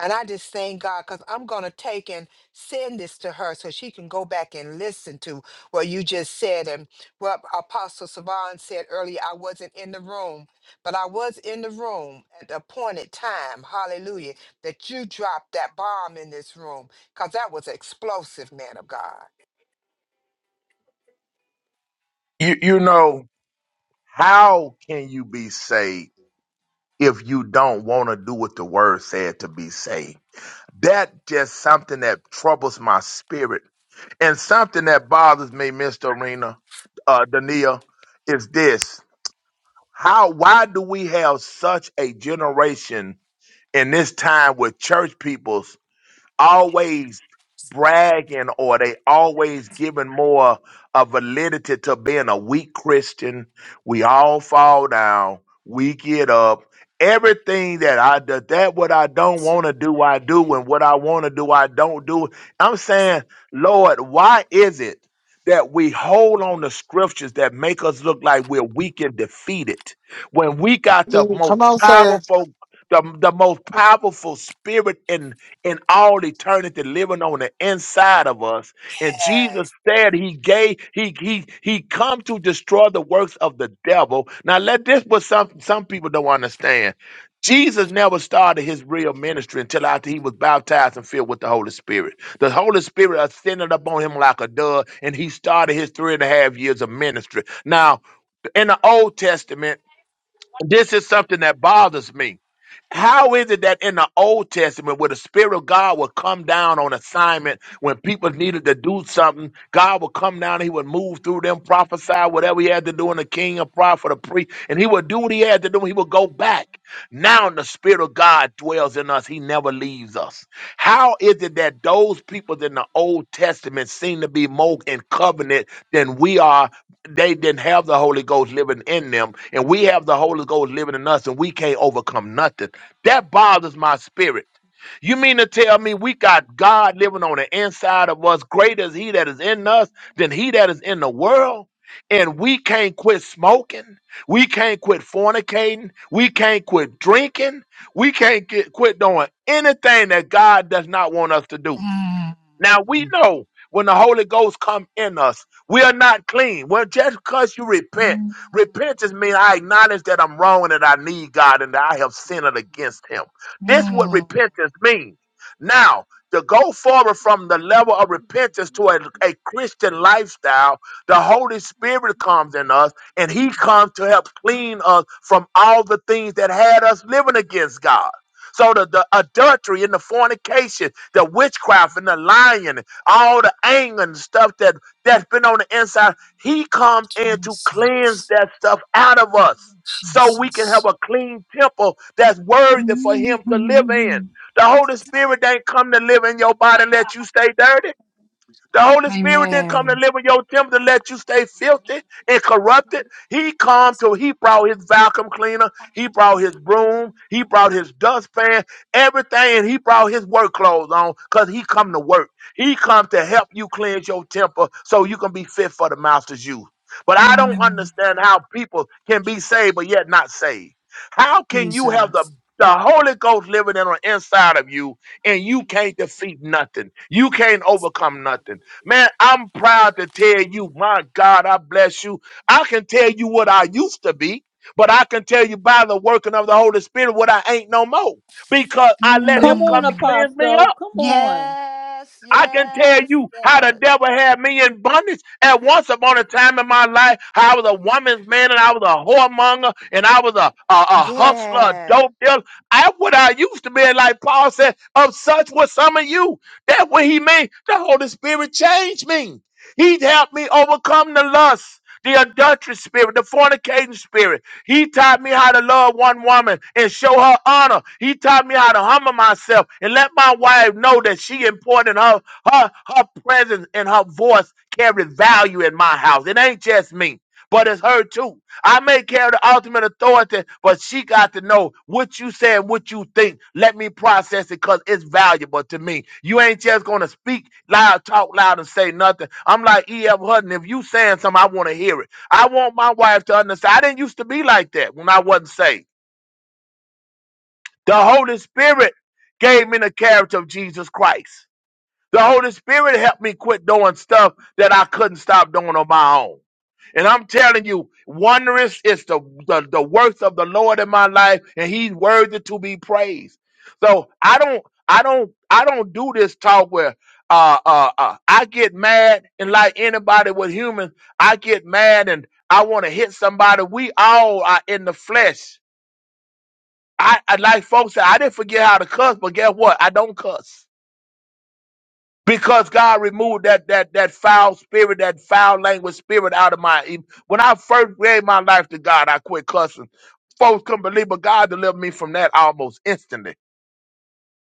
S4: And I just thank God because I'm going to take and send this to her so she can go back and listen to what you just said and what Apostle Savon said earlier. I wasn't in the room, but I was in the room at the appointed time, hallelujah, that you dropped that bomb in this room because that was explosive, man of God.
S3: You, you know, how can you be saved if you don't want to do what the word said to be saved? That just something that troubles my spirit. And something that bothers me, Mr. Arena, uh, Dania, is this. How, why do we have such a generation in this time with church people always bragging or they always giving more of validity to being a weak Christian. We all fall down. We get up. Everything that I do, that what I don't want to do, I do, and what I want to do, I don't do. I'm saying, Lord, why is it that we hold on to scriptures that make us look like we're weak and defeated when we got the
S1: Mm,
S3: most
S1: Come on, sir.
S3: powerful, the, the most powerful spirit in? in all eternity living on the inside of us. And Jesus
S4: Yes.
S3: said he gave, he he he come to destroy the works of the devil. Now let this what some some people don't understand. Jesus never started his real ministry until after he was baptized and filled with the Holy Spirit. The Holy Spirit ascended upon him like a dove, and he started his three and a half years of ministry. Now, in the Old Testament, this is something that bothers me. How is it that in the Old Testament, where the Spirit of God would come down on assignment when people needed to do something, God would come down and He would move through them, prophesy whatever He had to do in the king, a prophet, a priest, and He would do what He had to do. He would go back. Now the Spirit of God dwells in us, He never leaves us. How is it that those people in the Old Testament seem to be more in covenant than we are? they didn't have the Holy Ghost living in them, and we have the Holy Ghost living in us, and we can't overcome nothing. That bothers my spirit. You mean to tell me we got God living on the inside of us? Greater is He that is in us than He that is in the world. And we can't quit smoking. We can't quit fornicating. We can't quit drinking. We can't get, quit doing anything that God does not want us to do.
S4: Mm.
S3: Now we know when the Holy Ghost come in us, we are not clean. Well, just because you repent,
S4: Mm,
S3: repentance means I acknowledge that I'm wrong and that I need God and that I have sinned against Him. This what
S4: mm.
S3: repentance means. Now, to go forward from the level of repentance to a, a Christian lifestyle, the Holy Spirit comes in us and He comes to help clean us from all the things that had us living against God. So the, the adultery and the fornication, the witchcraft and the lying, all the anger and stuff that that's been on the inside, he comes in to cleanse
S4: 26.
S3: that stuff out of us. So we can have
S4: Jesus.
S3: a clean temple that's worthy for
S4: Mm.
S3: him to live in. The Holy Spirit ain't come to live in your body and let you stay dirty. The Holy Spirit didn't come to
S4: Amen.
S3: live in your temple to let you stay filthy and corrupted. He come to, he brought his vacuum cleaner, he brought his broom, he brought his dustpan, everything, and he brought his work clothes on because he come to work. He come to help you cleanse your temple so you can be fit for the master's use. But I don't
S4: Mm.
S3: understand how people can be saved but yet not saved. How can you have the
S4: Jesus.
S3: the Holy Ghost living in on inside of you, and you can't defeat nothing. You can't overcome nothing. Man, I'm proud to tell you, my God, I bless you. I can tell you what I used to be, but I can tell you by the working of the Holy Spirit what I ain't no more because I let
S2: Come
S3: Him come
S2: on,
S3: and
S4: Mm.
S3: cleanse me up.
S2: Apostle. Come on.
S4: Yes,
S3: I can tell
S4: yes,
S3: you how the
S4: yes.
S3: devil had me in bondage at once upon a time in my life. I was a woman's man and I was a whoremonger and I was a, a, a hustler, a
S4: Yes.
S3: dope dealer. I what I used to be, like Paul said, of such were some of you. That's what he meant. The Holy Spirit changed me. He helped me overcome the lust. The adultery spirit, the fornicating spirit. He taught me how to love one woman and show her honor. He taught me how to humble myself and let my wife know that she important in her. Her her presence and her voice carry value in my house. It ain't just me, but it's her too. I may carry the ultimate authority, but she got to know what you say and what you think. Let me process it because it's valuable to me. You ain't just gonna speak loud, talk loud, and say nothing. I'm like E.F. Hutton. If you saying something, I want to hear it. I want my wife to understand. I didn't used to be like that when I wasn't saved. The Holy Spirit gave me the character of Jesus Christ. The Holy Spirit helped me quit doing stuff that I couldn't stop doing on my own. And I'm telling you, wondrous is the, the, the worth of the Lord in my life, and He's worthy to be praised. So I don't, I don't, I don't do this talk where uh, uh, uh, I get mad, and like anybody with humans, I get mad and I want to hit somebody. We all are in the flesh. I, I like folks say I didn't forget how to cuss, but guess what? I don't cuss because God removed that that that foul spirit, that foul language spirit out of my. When I first gave my life to God, I quit cussing. Folks couldn't believe, but God delivered me from that almost instantly.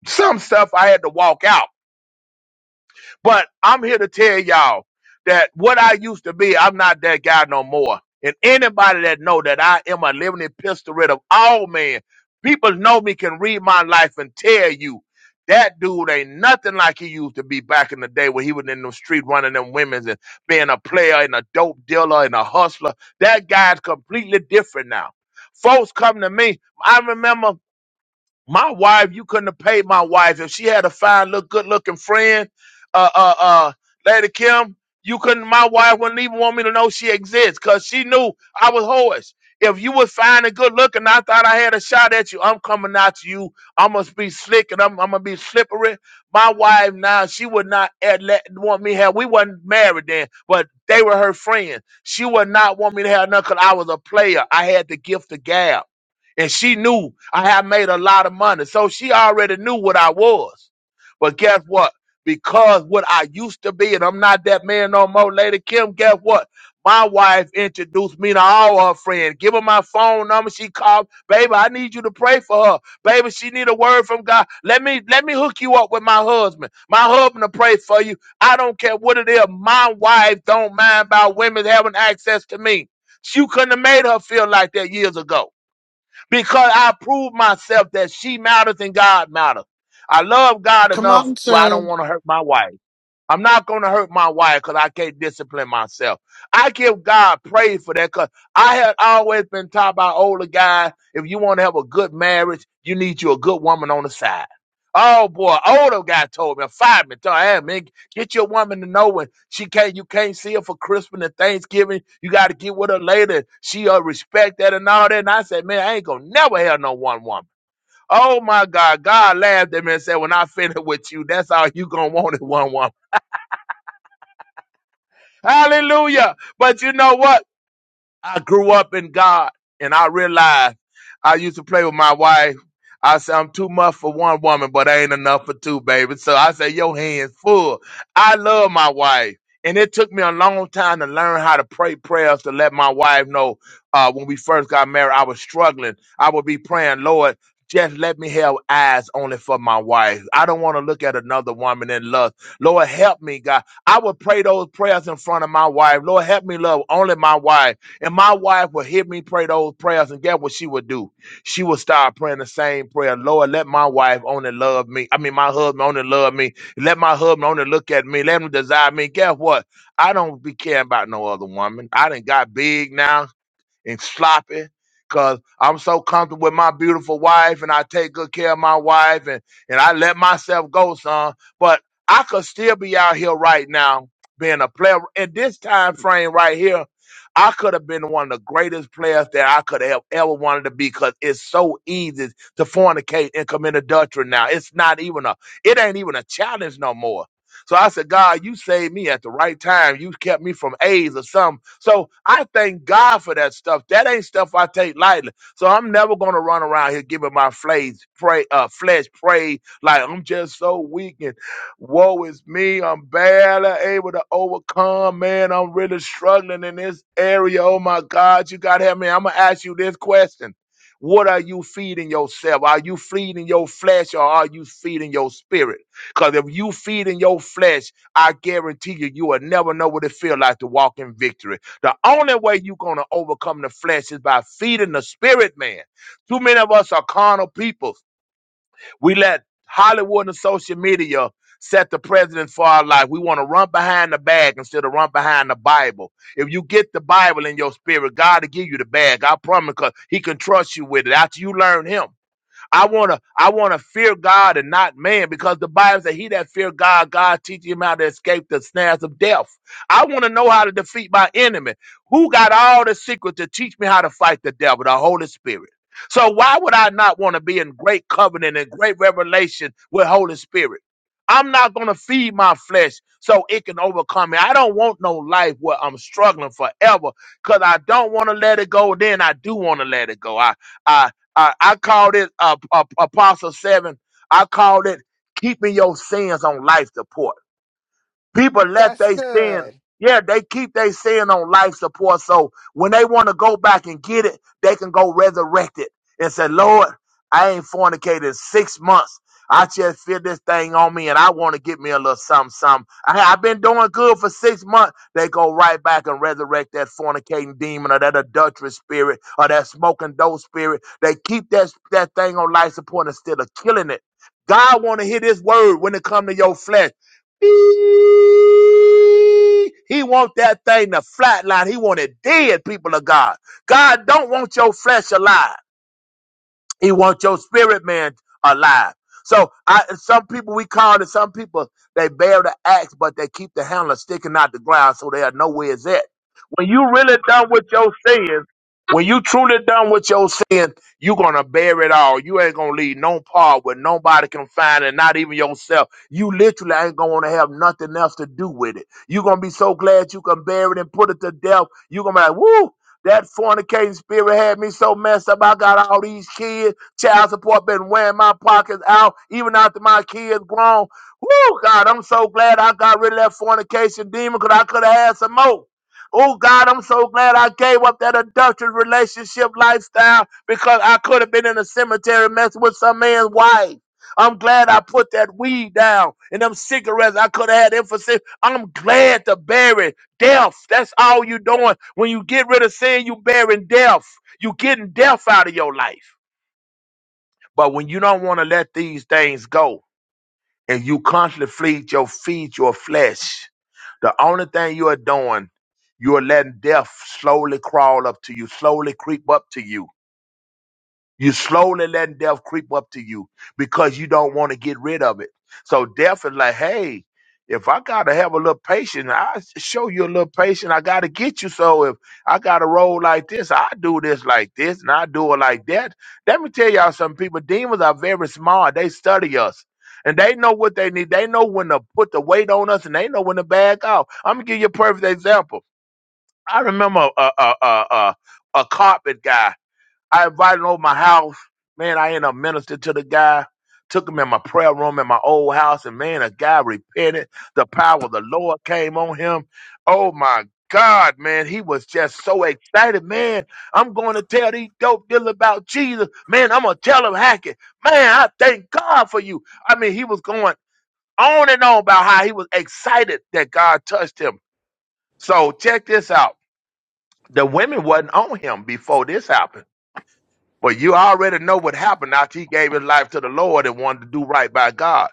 S3: Some stuff I had to walk out. But I'm here to tell y'all that what I used to be, I'm not that guy no more. And anybody that know that I am a living epistle of all men, people know me can read my life and tell you that dude ain't nothing like he used to be back in the day when he was in the street running them women's and being a player and a dope dealer and a hustler. That guy's completely different now. Folks come to me. I remember. My wife, you couldn't have paid my wife if she had a fine, look, good looking friend. Uh, uh, uh, Lady Kim, you couldn't. My wife wouldn't even want me to know she exists because she knew I was hoarse. If you was fine and good looking, I thought I had a shot at you. I'm coming out to you. I must be slick and I'm, I'm gonna be slippery. My wife now, she would not at- let, want me to have. We wasn't married then, but they were her friends. She would not want me to have nothing because I was a player. I had the gift of gab. And she knew I had made a lot of money. So she already knew what I was. But guess what? Because what I used to be, and I'm not that man no more, Lady Kim, guess what? My wife introduced me to all her friends. Give her my phone number. She called, baby, I need you to pray for her. Baby, she need a word from God. Let me let me hook you up with my husband. My husband to pray for you. I don't care what it is. My wife don't mind about women having access to me. She couldn't have made her feel like that years ago because I proved myself that she matters and God matters. I love God
S1: Come
S3: enough,
S1: on,
S3: but I don't
S1: sir.
S3: want to hurt my wife. I'm not going to hurt my wife because I can't discipline myself. I give God praise for that because I had always been taught by older guys if you want to have a good marriage, you need you a good woman on the side. Oh boy, older guy told me, fired me, told me, hey man, get your woman to know when she can't, you can't see her for Christmas and Thanksgiving. You got to get with her later. She uh, respect that and all that. And I said, man, I ain't gonna never have no one woman. Oh my God, God laughed at me and said, when I finish with you, that's all you gonna want is one woman. Hallelujah. But you know what? I grew up in God and I realized I used to play with my wife. I said, I'm too much for one woman, but I ain't enough for two, baby. So I said your hands full. I love my wife. And it took me a long time to learn how to pray prayers to let my wife know uh, when we first got married, I was struggling. I would be praying, Lord, just let me have eyes only for my wife. I don't want to look at another woman in lust. Lord, help me, God. I would pray those prayers in front of my wife. Lord, help me love only my wife. And my wife would hear me pray those prayers, and guess what she would do? She would start praying the same prayer. Lord, let my wife only love me. I mean, my husband only love me. Let my husband only look at me. Let him desire me. Guess what? I don't be caring about no other woman. I done got big now and sloppy because I'm so comfortable with my beautiful wife and I take good care of my wife and, and I let myself go, son. But I could still be out here right now being a player. At this time frame right here, I could have been one of the greatest players that I could have ever wanted to be because it's so easy to fornicate and commit adultery now. It's not even a, it ain't even a challenge no more so I said, God, you saved me at the right time. You kept me from AIDS or something. So I thank God for that stuff. That ain't stuff I take lightly. So I'm never gonna run around here giving my flesh pray, uh, flesh pray like I'm just so weak and woe is me. I'm barely able to overcome. Man, I'm really struggling in this area. Oh my God, you gotta help me. I'm gonna ask you this question. What are you feeding yourself? Are you feeding your flesh or are you feeding your spirit? Because if you feed in your flesh, I guarantee you, you will never know what it feels like to walk in victory. The only way you're going to overcome the flesh is by feeding the spirit, man. Too many of us are carnal people. We let Hollywood and social media set the precedent for our life. We want to run behind the bag instead of run behind the Bible. If you get the Bible in your spirit, God will give you the bag. I promise because he can trust you with it after you learn him. I wanna I wanna fear God and not man because the Bible says he that fear God, God teaches him how to escape the snares of death. I wanna know how to defeat my enemy. Who got all the secret to teach me how to fight the devil? The Holy Spirit. So why would I not want to be in great covenant and great revelation with Holy Spirit? I'm not going to feed my flesh so it can overcome me. I don't want no life where I'm struggling forever because I don't want to let it go. Then I do want to let it go. I, I. I, I called it uh, uh, Apostle Seven. I called it keeping your sins on life support. People let
S4: That's
S3: they sin.
S4: good.
S3: Yeah, they keep they sin on life support. So when they want to go back and get it, they can go resurrect it and say, Lord, I ain't fornicated in six months. I just feel this thing on me and I want to get me a little something, something. I, I've been doing good for six months. They go right back and resurrect that fornicating demon or that adulterous spirit or that smoking dope spirit. They keep that, that thing on life support instead of killing it. God want to hear this word when it come to your flesh. Beep. He want that thing to flatline. He want it dead, people of God. God don't want your flesh alive. He wants your spirit man alive. So I some people we call it some people they bear the axe, but they keep the handle sticking out the ground so they are nowhere is at. When you really done with your sins, when you truly done with your sin, you gonna bear it all. You ain't gonna leave no part where nobody can find it, not even yourself. You literally ain't gonna wanna have nothing else to do with it. you gonna be so glad you can bear it and put it to death. you gonna be like, woo, that fornicating spirit had me so messed up. I got all these kids. Child support been wearing my pockets out, even after my kids grown. Woo, God, I'm so glad I got rid of that fornication demon because I could have had some more. Oh, God, I'm so glad I gave up that adulterous relationship lifestyle because I could have been in a cemetery messing with some man's wife. I'm glad I put that weed down and them cigarettes I could have had emphasis. I'm glad to bury. Death. That's all you're doing. When you get rid of sin, you bearing death. you getting death out of your life. But when you don't want to let these things go and you constantly feed your feed your flesh, the only thing you are doing, you are letting death slowly crawl up to you, slowly creep up to you you slowly letting death creep up to you because you don't want to get rid of it. So death is like, hey, if I gotta have a little patience, I show you a little patience. I gotta get you. So if I gotta roll like this, I do this like this, and I do it like that. Let me tell y'all some people. Demons are very smart. They study us. And they know what they need. They know when to put the weight on us, and they know when to back off. I'm gonna give you a perfect example. I remember a a a a, a carpet guy I invited him over my house. Man, I ended up ministering to the guy. Took him in my prayer room in my old house, and man, the guy repented. The power of the Lord came on him. Oh my God, man, he was just so excited. Man, I'm going to tell these dope dealers about Jesus. Man, I'm gonna tell them Hackett. Man, I thank God for you. I mean, he was going on and on about how he was excited that God touched him. So check this out. The women wasn't on him before this happened but you already know what happened after he gave his life to the Lord and wanted to do right by God.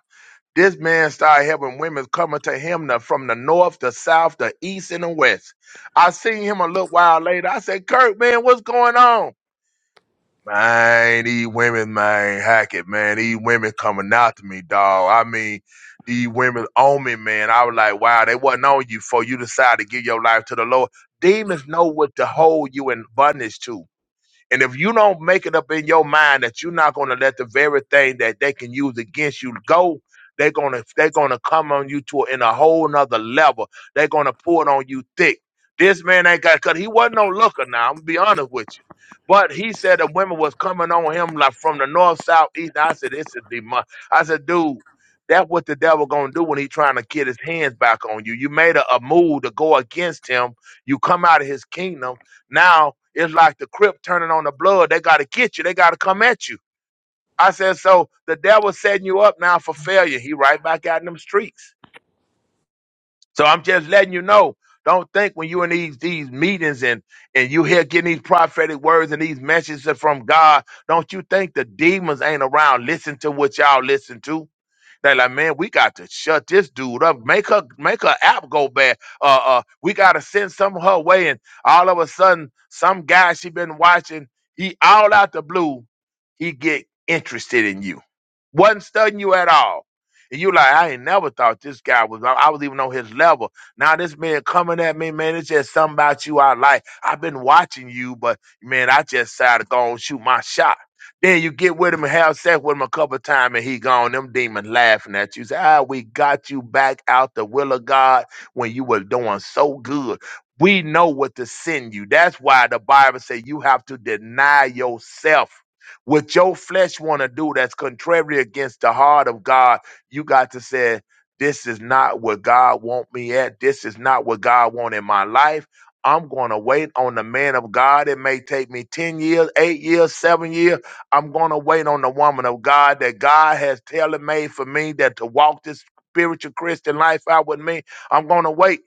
S3: This man started having women coming to him the- from the north, the south, the east, and the west. I seen him a little while later. I said, Kirk, man, what's going on? Man, these women, man, hack it, man. These women coming out to me, dog. I mean, these women on me, man. I was like, wow, they wasn't on you for you decided to give your life to the Lord. Demons know what to hold you in bondage to. And if you don't make it up in your mind that you're not going to let the very thing that they can use against you go, they're going to they're going to come on you to in a whole nother level. They're going to pour it on you thick. This man ain't got cut. He wasn't no looker. Now I'm gonna be honest with you. But he said the women was coming on him like from the north, south, east. I said, this is demon. I said, dude, that's what the devil gonna do when he trying to get his hands back on you. You made a, a move to go against him. You come out of his kingdom now it's like the Crip turning on the blood. They got to get you. They got to come at you. I said, so the devil's setting you up now for failure. He right back out in them streets. So I'm just letting you know. Don't think when you in these these meetings and and you hear getting these prophetic words and these messages from God. Don't you think the demons ain't around? Listen to what y'all listen to. They're like, man, we got to shut this dude up. Make her make her app go bad. Uh uh, we gotta send some her way. And all of a sudden, some guy she been watching, he all out the blue, he get interested in you. Wasn't studying you at all. And you like, I ain't never thought this guy was I was even on his level. Now this man coming at me, man, it's just something about you I like. I've been watching you, but man, I just decided to go and shoot my shot then you get with him and have sex with him a couple of times and he gone. Them demons laughing at you. Say, ah, we got you back out the will of God when you were doing so good. We know what to send you. That's why the Bible say you have to deny yourself. What your flesh want to do that's contrary against the heart of God, you got to say, this is not what God want me at. This is not what God want in my life. I'm going to wait on the man of God. It may take me 10 years, 8 years, 7 years I'm going to wait on the woman of God that God has tailor made for me that to walk this spiritual Christian life out with me. I'm going to wait.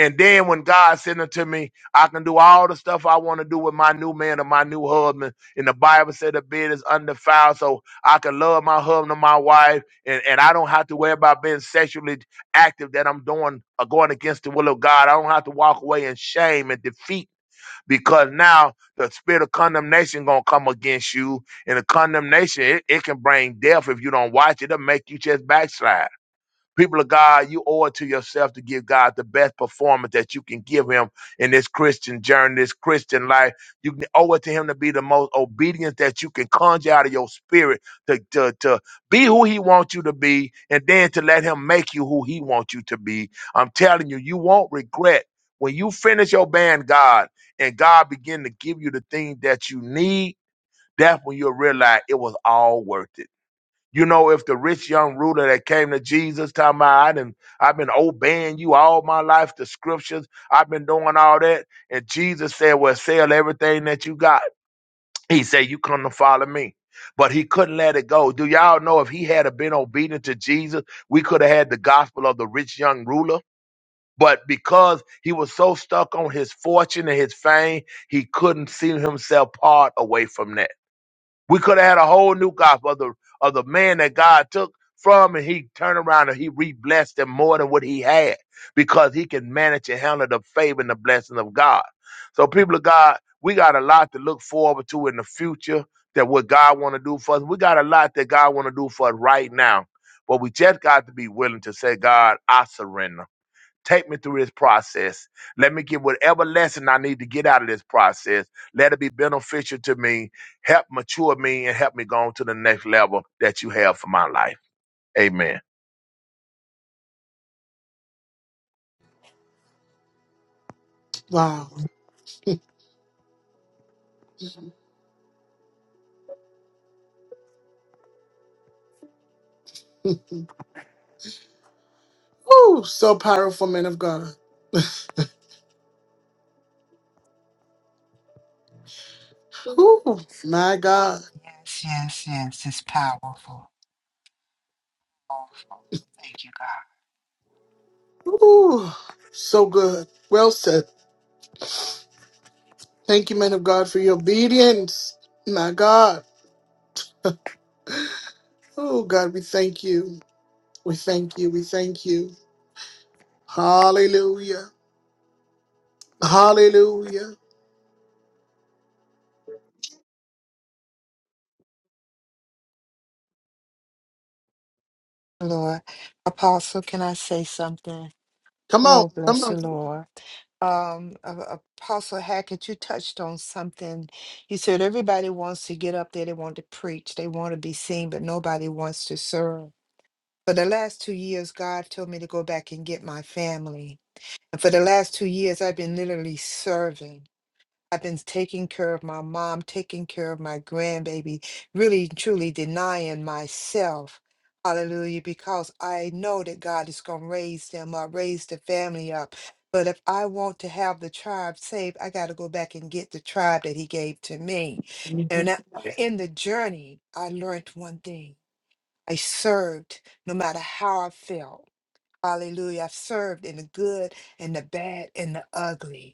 S3: And then when God sends it to me, I can do all the stuff I want to do with my new man and my new husband. And the Bible said the bed is undefiled, so I can love my husband and my wife, and, and I don't have to worry about being sexually active that I'm doing or going against the will of God. I don't have to walk away in shame and defeat because now the spirit of condemnation gonna come against you, and the condemnation it, it can bring death if you don't watch it. It'll make you just backslide. People of God, you owe it to yourself to give God the best performance that you can give Him in this Christian journey, this Christian life. You can owe it to Him to be the most obedient that you can conjure out of your spirit to, to, to be who He wants you to be and then to let Him make you who He wants you to be. I'm telling you, you won't regret when you finish your band, God, and God begin to give you the thing that you need. That's when you'll realize it was all worth it. You know, if the rich young ruler that came to Jesus, talking about, I done, I've been obeying you all my life, the scriptures, I've been doing all that. And Jesus said, Well, sell everything that you got. He said, You come to follow me. But he couldn't let it go. Do y'all know if he had have been obedient to Jesus, we could have had the gospel of the rich young ruler? But because he was so stuck on his fortune and his fame, he couldn't see himself part away from that. We could have had a whole new gospel of the, of the man that God took from and he turned around and he re-blessed him more than what he had because he can manage and handle the favor and the blessing of God. So people of God, we got a lot to look forward to in the future that what God want to do for us. We got a lot that God want to do for us right now. But we just got to be willing to say, God, I surrender. Take me through this process. Let me get whatever lesson I need to get out of this process. Let it be beneficial to me. Help mature me and help me go on to the next level that you have for my life. Amen.
S1: Wow. Ooh, so powerful, man of God. Ooh, my God.
S4: Yes, yes, yes. It's powerful. Powerful. Thank you, God.
S1: Ooh, so good. Well said. Thank you, man of God, for your obedience. My God. Oh, God, we thank you. We thank you. We thank you. Hallelujah. Hallelujah.
S4: Lord, Apostle, can I say something?
S1: Come on.
S4: Oh,
S1: Come
S4: bless
S1: on.
S4: you, Lord. Um, A- Apostle Hackett, you touched on something. You said everybody wants to get up there, they want to preach, they want to be seen, but nobody wants to serve. For the last two years, God told me to go back and get my family. And for the last two years, I've been literally serving. I've been taking care of my mom, taking care of my grandbaby, really and truly denying myself. Hallelujah, because I know that God is going to raise them up, raise the family up. But if I want to have the tribe saved, I got to go back and get the tribe that He gave to me. And I- in the journey, I learned one thing I served no matter how I felt. Hallelujah. I've served in the good and the bad and the ugly.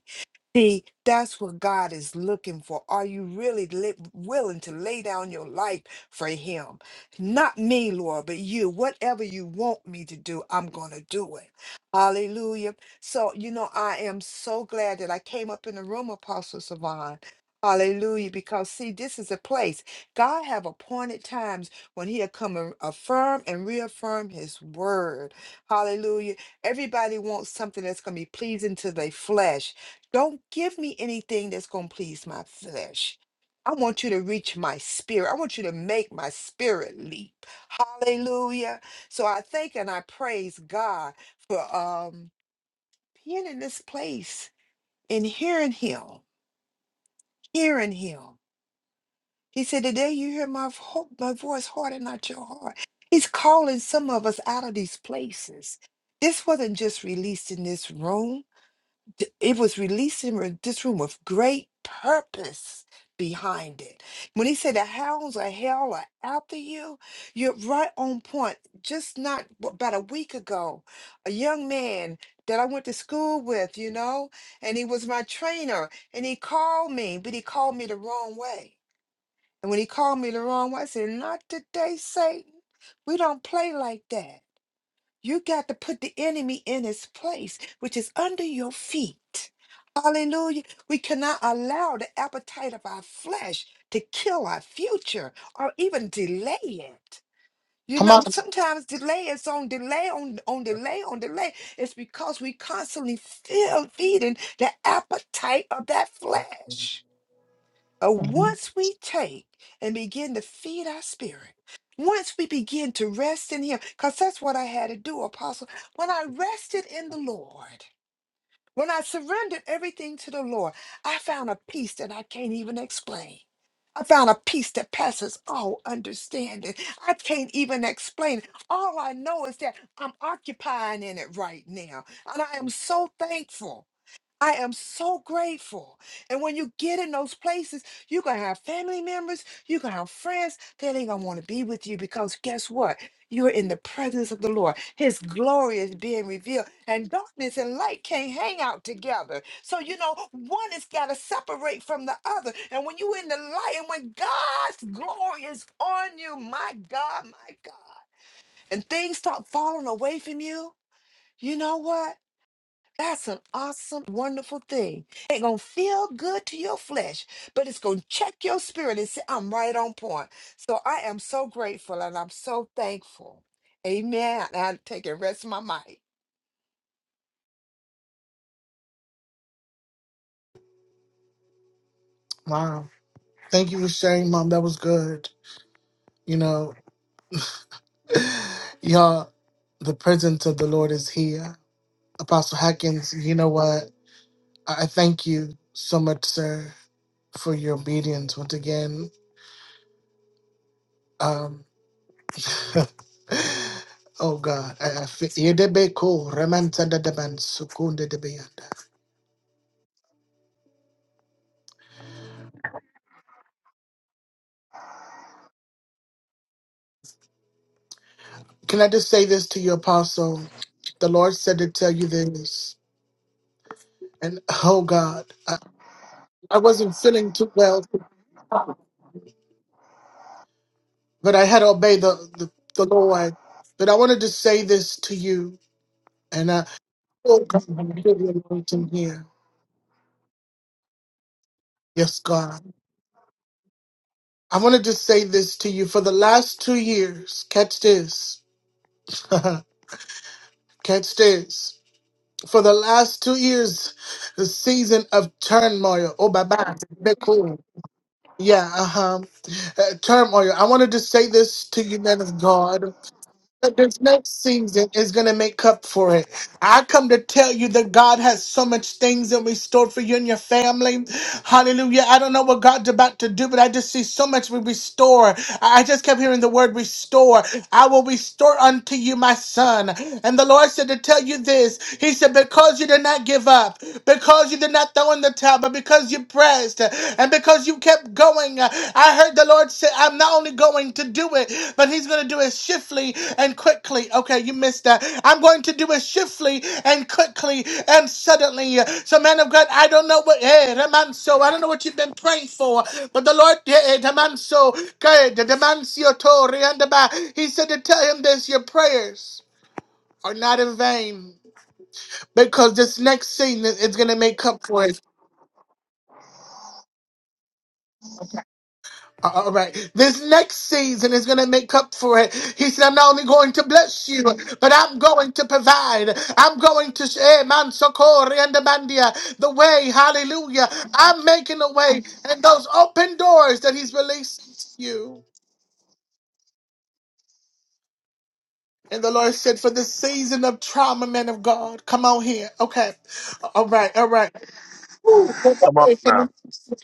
S4: See, that's what God is looking for. Are you really li- willing to lay down your life for Him? Not me, Lord, but you. Whatever you want me to do, I'm going to do it. Hallelujah. So, you know, I am so glad that I came up in the room, Apostle Savon. Hallelujah. Because, see, this is a place God have appointed times when he'll come and affirm and reaffirm his word. Hallelujah. Everybody wants something that's going to be pleasing to their flesh. Don't give me anything that's going to please my flesh. I want you to reach my spirit. I want you to make my spirit leap. Hallelujah. So I thank and I praise God for um being in this place and hearing him, hearing him. He said, Today you hear my, vo- my voice, harden not your heart. He's calling some of us out of these places. This wasn't just released in this room. th- it was releasing re- this room with great purpose behind it. When he said the hounds of hell are after you, you're right on point. Just not w- about a week ago, a young man that I went to school with, you know, and he was my trainer, and he called me, but he called me the wrong way. And when he called me the wrong way, I said, Not today, Satan. We don't play like that. You got to put the enemy in his place, which is under your feet. Hallelujah. We cannot allow the appetite of our flesh to kill our future or even delay it. You
S1: Come on.
S4: know, sometimes delay is on delay, on, on delay, on delay. It's because we constantly feel feeding the appetite of that flesh. But once we take and begin to feed our spirit, once we begin to rest in Him, because that's what I had to do, Apostle. When I rested in the Lord, when I surrendered everything to the Lord, I found a peace that I can't even explain. I found a peace that passes all understanding. I can't even explain. it. All I know is that I'm occupying in it right now. And I am so thankful I am so grateful. And when you get in those places, you're going to have family members, you're going to have friends that ain't going to want to be with you because guess what? You're in the presence of the Lord. His glory is being revealed, and darkness and light can't hang out together. So, you know, one has got to separate from the other. And when you're in the light, and when God's glory is on you, my God, my God, and things start falling away from you, you know what? That's an awesome, wonderful thing. Ain't gonna feel good to your flesh, but it's gonna check your spirit and say, I'm right on point. So I am so grateful and I'm so thankful. Amen. I take and rest my mic.
S1: Wow. Thank you for sharing, Mom. That was good. You know, y'all, the presence of the Lord is here. Apostle Hackins, you know what? I I thank you so much, sir, for your obedience once again. Um, oh God, I, I feel. Can I just say this to you, Apostle? The Lord said to tell you this. And oh God, I, I wasn't feeling too well, but I had to obey the, the, the Lord. But I wanted to say this to you. And I, oh God, I feel the anointing here. Yes, God. I wanted to say this to you. For the last two years, catch this, catch this. For the last two years, the season of turmoil. Oh, bye bye. Yeah, uh-huh. Uh, term oil. I wanted to say this to you, men of God. that This next season is going to make up for it. I come to tell you that God has so much things in restored for you and your family. Hallelujah. I don't know what God's about to do, but I just see so much we restore. I I just kept hearing the word restore. I will restore unto you my son. And the Lord said to tell you this. He said, because you did not give up, because you did not throw in the towel, but because you pressed, and because you kept going. I heard the Lord say, I'm not only going to do it, but He's going to do it swiftly and quickly. Okay, you missed that. I'm going to do it swiftly and quickly and suddenly. So, man of God, I don't know what, eh, Remanso, I don't know what you've been praying for, but the Lord, eh, Remanso, eh, the Remanso Tori and the Ba- He said to tell him this your prayers are not in vain because this next scene is going to make up for it. Uh, All right. This next season is going to make up for it. He said, I'm not only going to bless you, but I'm going to provide. I'm going to share man socorre and Abandia the way. Hallelujah. I'm making a way. And those open doors that he's releasing to you. And the Lord said, for the season of trauma, man of God, come on here. Okay. All right. All right.
S3: Come on now.
S1: Ooh,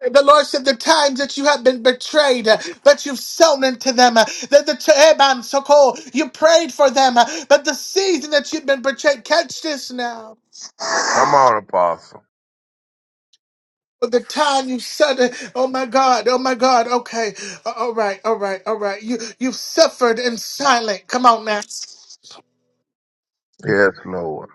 S1: The Lord said, The times that you have been betrayed, uh, but you've sown into them, uh, that the Teban Sokol, you prayed for them, uh, but the season that you've been betrayed, catch this now.
S3: Come on, Apostle.
S1: But The time you said, uh, "Oh my God, oh my God," okay, uh, all right, all right, all right. You you've suffered in silence. Come on now.
S3: Yes, Lord.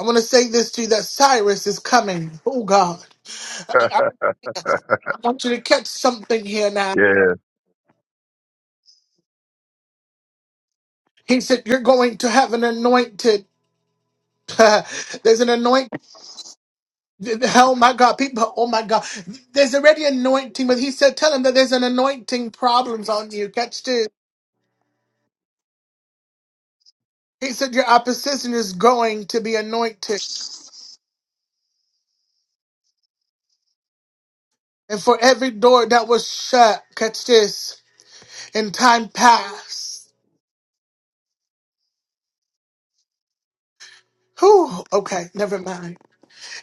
S1: I want to say this to you that Cyrus is coming. Oh God, I, I I want you to catch something here now.
S3: yes,
S1: He said, "You're going to have an anointed." There's an anointing Th- th- Oh my God, people, oh my God. There's already anointing, but he said, tell him that there's an anointing problems on you. Catch this. He said, your opposition is going to be anointed. And for every door that was shut, catch this, in time past. Whew, okay, never mind.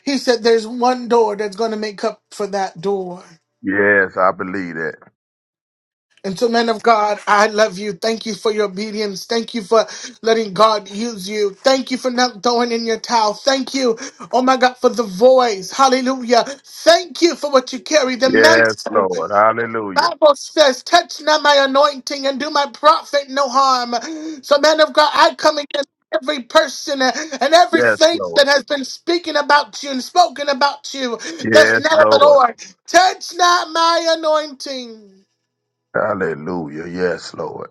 S1: He said, there's one door that's going to make up for that door.
S3: yes, I believe that.
S1: And so, man of God, I love you. Thank you for your obedience. Thank you for letting God use you. Thank you for not throwing in your towel. Thank you, oh my God, for the voice. Hallelujah. Thank you for what you carry. The
S3: Yes,
S1: mantle.
S3: Lord. Hallelujah.
S1: Bible says, touch not my anointing and do my prophet no harm. So, man of God, I come against every person and
S3: Yes,
S1: everything
S3: Lord.
S1: that has been speaking about you and spoken about you that's
S3: Yes,
S1: not of the
S3: Lord.
S1: Lord. Touch not my anointing.
S3: Hallelujah. Yes, Lord.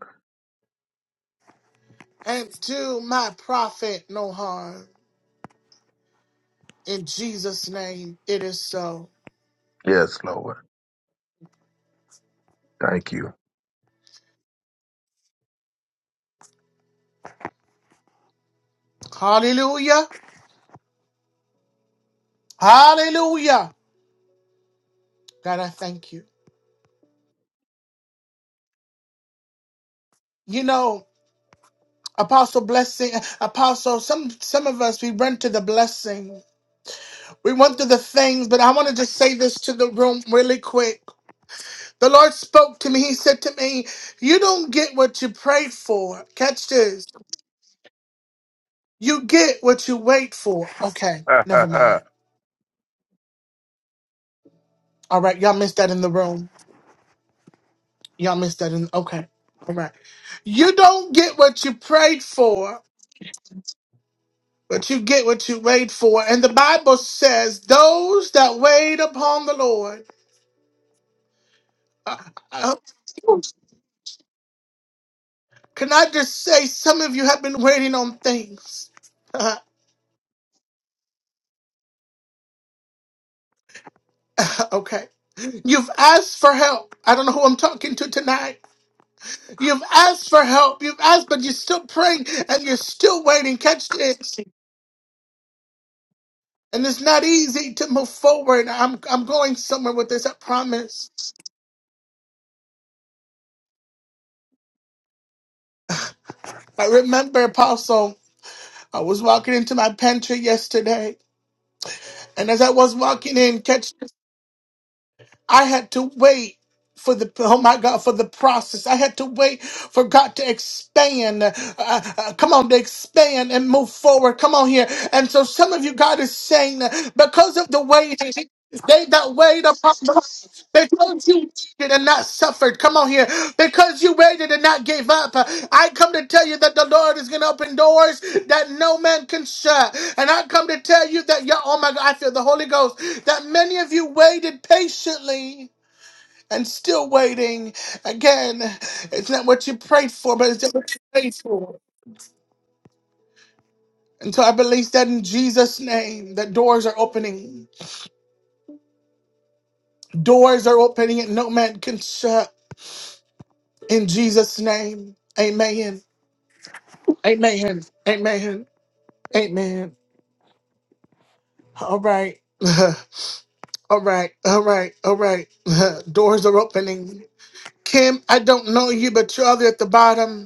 S1: And do my prophet no harm. In Jesus' name, it is so.
S3: Yes, Lord. Thank you.
S1: Hallelujah. Hallelujah. God, I thank you. You know, Apostle Blessing, Apostle, some some of us we run to the blessing. We run to the things, but I want to just say this to the room really quick. The Lord spoke to me. He said to me, You don't get what you prayed for. Catch this. You get what you wait for. Okay, never mind. All right, y'all missed that in the room. Y'all missed that in okay. All right. You don't get what you prayed for, but you get what you wait for. And the Bible says, those that wait upon the Lord. Uh, uh, can I just say, some of you have been waiting on things? Uh, okay. You've asked for help. I don't know who I'm talking to tonight. You've asked for help. You've asked, but you're still praying and you're still waiting. Catch this. And it's not easy to move forward. I'm I'm going somewhere with this, I promise. I remember, Apostle, I was walking into my pantry yesterday, and as I was walking in, catch, I had to wait for the oh my God for the process. I had to wait for God to expand. Uh, uh, come on, to expand and move forward. Come on here. And so, some of you, God is saying, uh, because of the waiting, they that wait upon the Lord, because you and not suffered. Come on here. Because you waited and not gave up. I come to tell you that the Lord is going to open doors that no man can shut. And I come to tell you that, you oh my God, I feel the Holy Ghost, that many of you waited patiently and still waiting. Again, it's not what you prayed for, but it's just what you prayed for. And so I believe that in Jesus' name, that doors are opening. Doors are opening and no man can shut. In Jesus' name, amen. Amen. Amen. Amen. All right. All right. All right. All right. Doors are opening. Kim, I don't know you, but you're all the way at the bottom.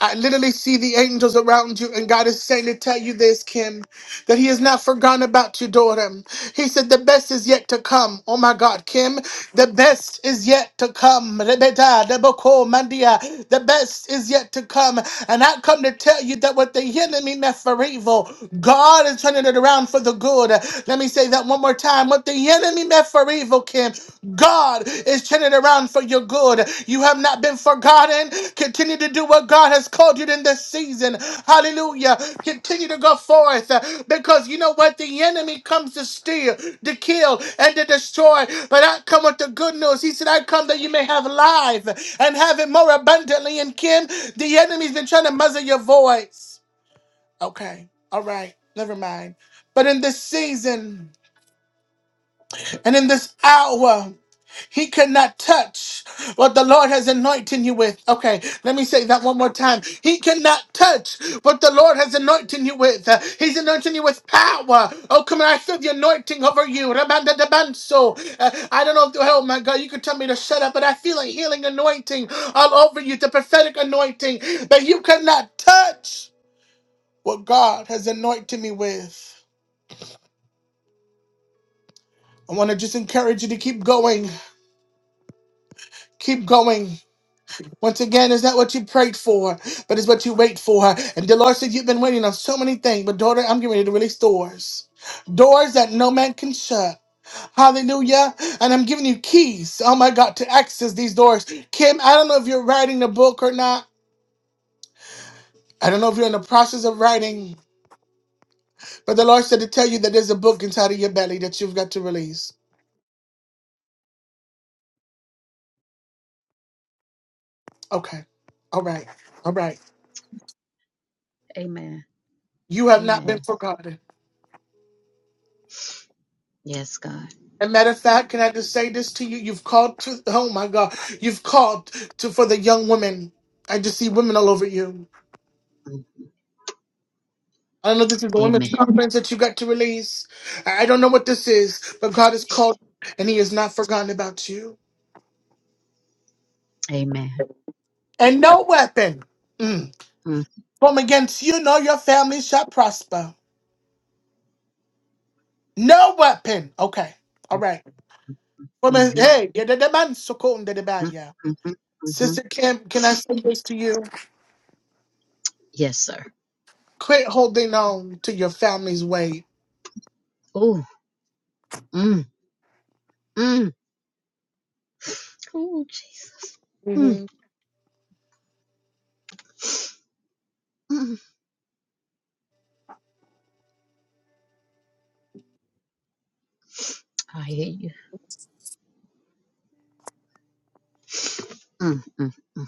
S1: I literally see the angels around you, and God is saying to tell you this, Kim, that He has not forgotten about your daughter. He said, The best is yet to come. Oh my God, Kim, the best is yet to come. Rebeta, Deboko, Mandia, The best is yet to come. And I come to tell you that what the enemy meant for evil, God is turning it around for the good. Let me say that one more time. What the enemy meant for evil, Kim, God is turning it around for your good. You have not been forgotten. Continue to do what God has called you in this season. Hallelujah. Continue to go forth uh, because you know what? The enemy comes to steal, to kill, and to destroy. But I come with the good news. He said, I come that you may have life and have it more abundantly. And Kim, the enemy's been trying to muzzle your voice. Okay. All right. Never mind. But in this season and in this hour, he could not touch what the Lord has anointed you with. Okay, let me say that one more time. He cannot touch what the Lord has anointed you with. Uh, He's anointing you with power. Oh, come on, I feel the anointing over you. Rabanda de banso. Uh, I don't know if, oh my God, you could tell me to shut up, but I feel a healing anointing all over you, the prophetic anointing. But you cannot touch what God has anointed me with. I want to just encourage you to keep going, keep going. Once again, it's not what you prayed for, but it's what you wait for. And the Lord said, You've been waiting on so many things, but daughter, I'm getting ready to release doors. Doors that no man can shut. Hallelujah. And I'm giving you keys, oh my God, to access these doors. Kim, I don't know if you're writing a book or not. I don't know if you're in the process of writing, but the Lord said to tell you that there's a book inside of your belly that you've got to release. Okay. All right. All right.
S5: Amen.
S1: You have not been
S5: Amen.
S1: forgotten.
S5: Yes, God.
S1: And matter of fact, can I just say this to you? You've called to oh my God, you've called to for the young women. I just see women all over you.
S5: Mm.
S1: I don't know if this is the women's
S5: Amen.
S1: conference that you got to release. I I don't know what this is, but God has called and He has not forgotten about you.
S5: Amen.
S1: And no weapon mm,
S5: Mm.
S1: from against you nor your family shall prosper. No weapon. Okay. All right. Woman,
S5: Mm-hmm.
S1: hey, get the man so cold and the bad,
S5: Mm.
S1: yeah.
S5: Mm-hmm. Mm-hmm.
S1: Sister Kim, can I say this to you?
S5: Yes, sir.
S1: Quit holding on to your family's weight.
S5: Oh, mm, mm. Oh, Jesus. Mm,
S1: Mhm.
S5: mm. I hear you. Mm, mm, mm.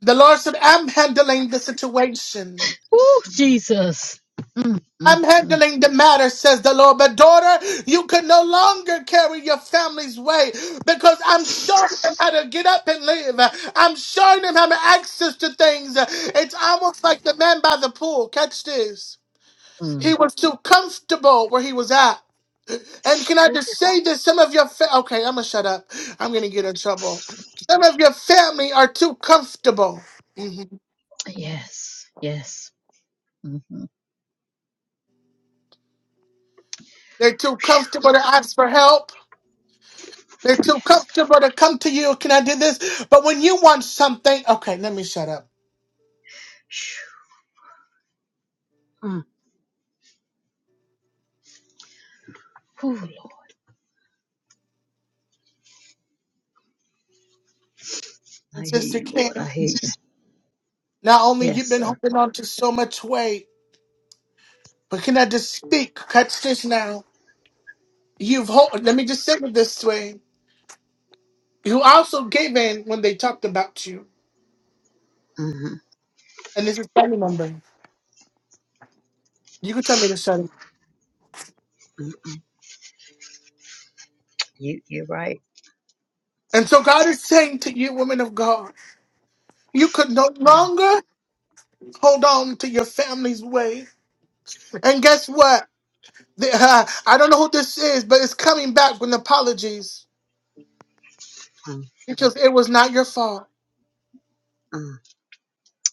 S1: The Lord said, I'm handling the situation.
S5: Oh, Jesus. Mm,
S1: I'm
S5: mm,
S1: handling the matter, says the Lord. But daughter, you can no longer carry your family's weight because I'm showing them how to get up and live. I'm showing them how to access to things. It's almost like the man by the pool. Catch this. He
S5: mm.
S1: was too comfortable where he was at. And can I
S5: Ooh,
S1: just say this? Some of your fa- okay, I'm gonna shut up. I'm gonna get in trouble. Some of your family are too comfortable. Mm-hmm.
S5: yes. Yes. Mm-hmm.
S1: They're too comfortable to ask for help. They're too comfortable to come to you. Can I do this? But when you want something, okay, let me shut up.
S5: Mm. Oh, Lord. I
S1: And
S5: hear
S1: Sister
S5: you, Lord. I
S1: Kim,
S5: hear you.
S1: not only
S5: Yes,
S1: you've been
S5: sir.
S1: holding on to so much weight, but can I just speak? Catch this now. You've hold, let me just say it this way. You also gave in when they talked about you.
S5: Mm-hmm.
S1: And this is family member. You can tell me to shut up.
S5: Mm-hmm. You, you're right.
S1: And so God is saying to you, woman of God, you could no longer hold on to your family's weight. And guess what? The- uh, I don't know who this is, but it's coming back with apologies
S5: Mm,
S1: because it was not your fault.
S5: mm.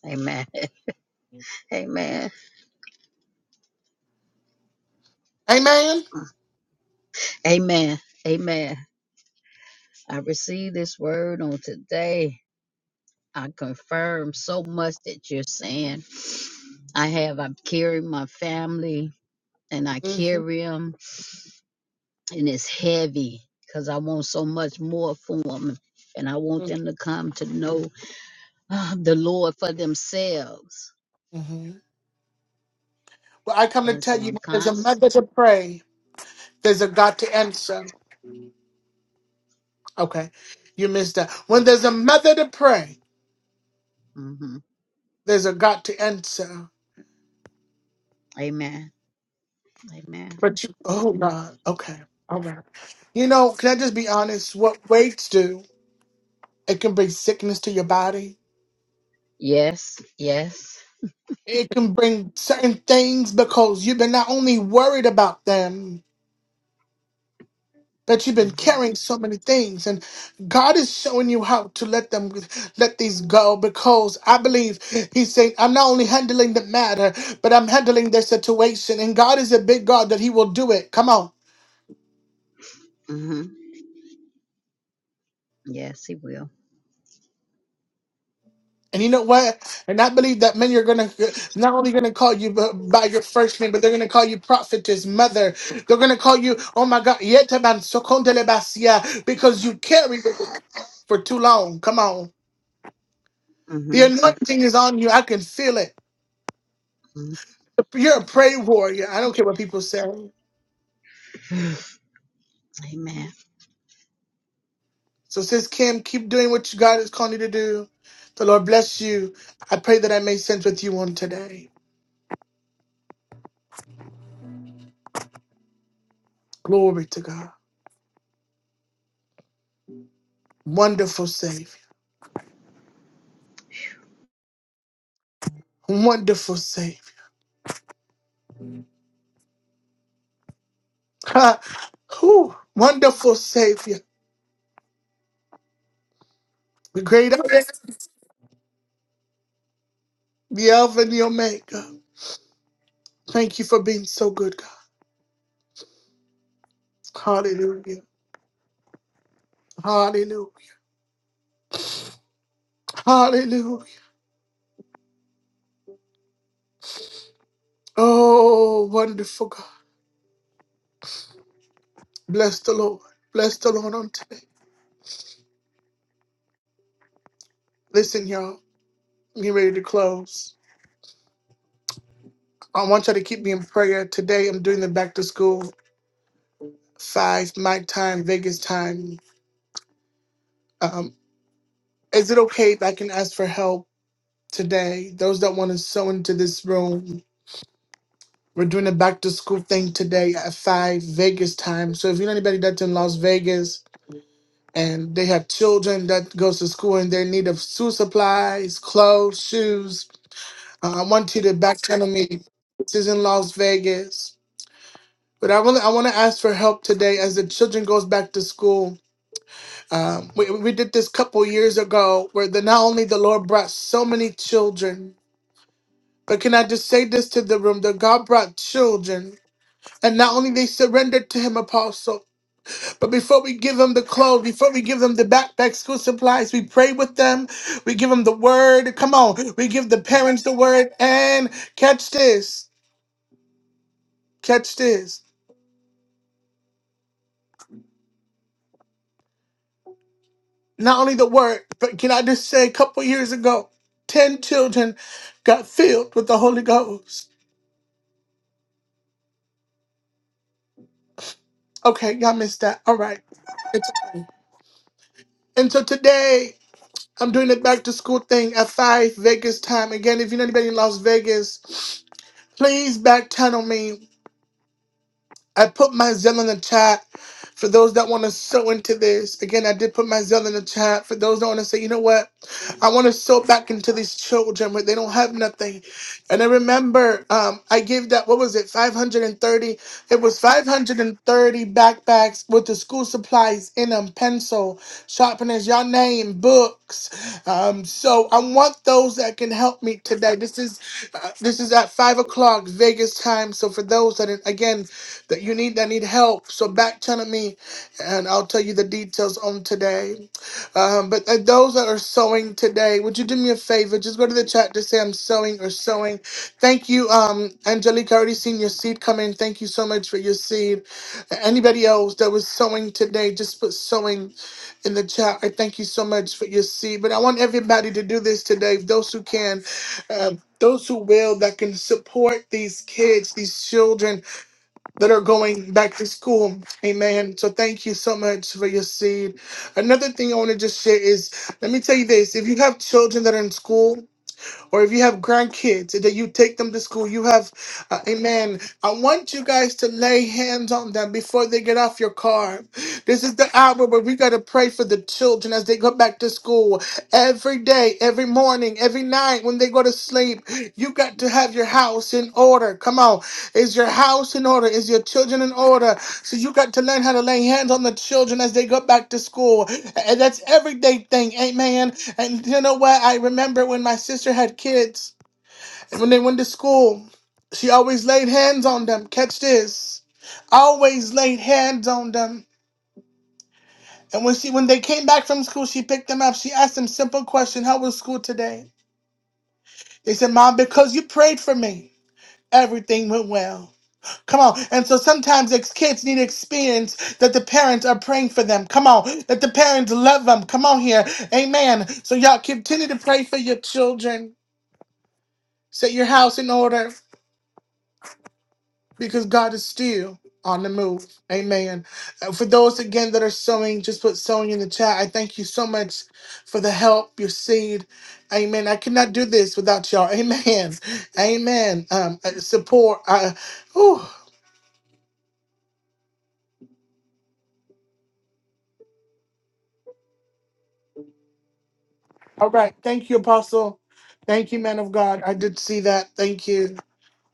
S5: Amen. Amen.
S1: Amen.
S5: Amen. Amen. I receive this word on today. I confirm so much that you're saying. I have, I'm carrying my family and I
S1: hmm
S5: carry them, and it's heavy because I want so much more for them. And I want them to come to know uh, the Lord for themselves.
S1: hmm Well, I come to
S5: And
S1: tell
S5: so
S1: you,
S5: I'm
S1: when there's a
S5: conscious.
S1: mother to pray, there's a God to answer. Okay, you missed that. When there's a mother to pray,
S5: hmm
S1: there's a God to answer.
S5: Amen. Amen.
S1: But you, oh God, okay, all right. You know, can I just be honest? What weights do? It can bring sickness to your body.
S5: Yes. Yes.
S1: It can bring certain things because you've been not only worried about them. that you've been
S5: hmm
S1: carrying so many things and god is showing you how to let them let these go because i believe he's saying i'm not only handling the matter but i'm handling the situation and god is a big god that he will do it come on
S5: hmm Yes, He will.
S1: and you know what? And I believe that many are gonna not only gonna call you b- by your first name, but they're gonna call you prophetess, mother. They're gonna call you, oh my God, Yetaman Sokondelebasia, because you carried it for too long. Come on, the
S5: hmm
S1: anointing is on you. I can feel it. You're a prayer warrior. I don't care what people say.
S5: Amen.
S1: So, Sis Kim, keep doing what you- God is calling you to do. The Lord bless you. I pray that I made sense with you on today. Glory to God. Wonderful Savior. Wonderful Savior. Ha! Whew. Wonderful Savior. The great I am, the Alpha and the Omega. Thank you for being so good, God. Hallelujah. Hallelujah. Hallelujah. Oh, wonderful God. Bless the Lord. Bless the Lord on today. Listen, y'all. Get ready to close. I want y'all to keep me in prayer. Today I'm doing the back to school five my time, Vegas time. Um, is it okay if I can ask for help today? Those that want to sew into this room. We're doing a back to school thing today at five Vegas time. So if you know anybody that's in Las Vegas and they have children that goes to school and they need of school supplies, clothes, shoes, uh, I want you to back channel me. This is in Las Vegas. But I really I want to ask for help today as the children goes back to school. Um, we, we did this couple years ago where the not only the Lord brought so many children, but can I just say this to the room that God brought children. And not only they surrendered to him, apostle, but before we give them the clothes, before we give them the backpack, school supplies, we pray with them. We give them the word. Come on, we give the parents the word. And catch this, catch this. Not only the word, but can I just say a couple years ago, 10 children got filled with the Holy Ghost. Okay, y'all missed that. All right. It's, and so today, I'm doing the back to school thing at 5 Vegas time. Again, if you know anybody in Las Vegas, please back channel me I put my Zell in the chat for those that want to sew into this. Again, I did put my Zell in the chat for those that want to say, you know what? I want to sew back into these children where they don't have nothing. And I remember um, I gave that, what was it, 530? It was 530 backpacks with the school supplies in them, pencil, sharpeners, y'all name, books. Um, so I want those that can help me today. This is uh, This is at five o'clock Vegas time. So for those that are- again that you need that need help, so back channel me, and I'll tell you the details on today. Um, but uh, those that are sewing today, would you do me a favor? Just go to the chat to say I'm sewing or sewing. Thank you, um, Angelica. I already seen your seed come in. Thank you so much for your seed. Anybody else that was sewing today, just put sewing in the chat. I thank you so much for your seed. But I want everybody to do this today. Those who can. Um, those who will that can support these kids, these children that are going back to school. Amen. So thank you so much for your seed. Another thing I want to just share is let me tell you this if you have children that are in school, or if you have grandkids and that you take them to school, you have, uh, amen. I want you guys to lay hands on them before they get off your car. This is the hour where we got to pray for the children as they go back to school every day, every morning, every night when they go to sleep. You got to have your house in order. Come on. Is your house in order? Is your children in order? So you got to learn how to lay hands on the children as they go back to school. And that's everyday thing. Amen. And you know what? I remember when my sister had kids, and when they went to school, she always laid hands on them. Catch this. Always laid hands on them. And when she when they came back from school, she picked them up. She asked them simple question, how was school today? They said, Mom, because you prayed for me, everything went well. Come on. And so sometimes ex- kids need experience that the parents are praying for them. Come on. That the parents love them. Come on here. Amen. So y'all continue to pray for your children. Set your house in order because God is still on the move. Amen. Uh, For those again that are sowing, just put sowing in the chat. I thank you so much for the help, your seed. Amen. I cannot do this without y'all. Amen. Amen. Um, uh, support. Uh, whew. All right. Thank you, Apostle. Thank you, man of God. I did see that. Thank you.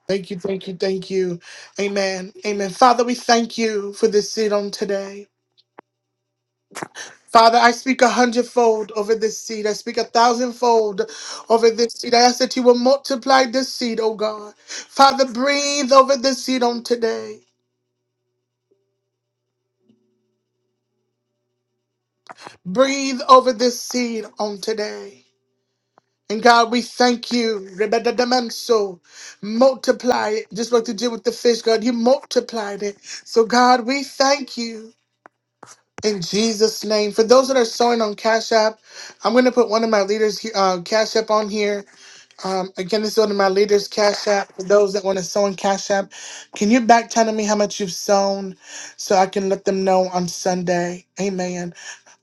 S1: Thank you. Thank you. Thank you. Amen. Amen. Father, we thank you for this seed on today. Father, I speak a hundredfold over this seed. I speak a thousandfold over this seed. I ask that you will multiply this seed, oh God. Father, breathe over this seed on today. Breathe over this seed on today. And God, we thank you. Rebedadamanso. Multiply it, just like you did with the fish, God. You multiplied it. So, God, we thank you in Jesus' name. For those that are sowing on Cash App, I'm going to put one of my leaders, uh, Cash App, on here. Um, again, this is under my leader's cash app. For those that want to sew in cash app, can you back channel me how much you've sewn so I can let them know on Sunday? Amen.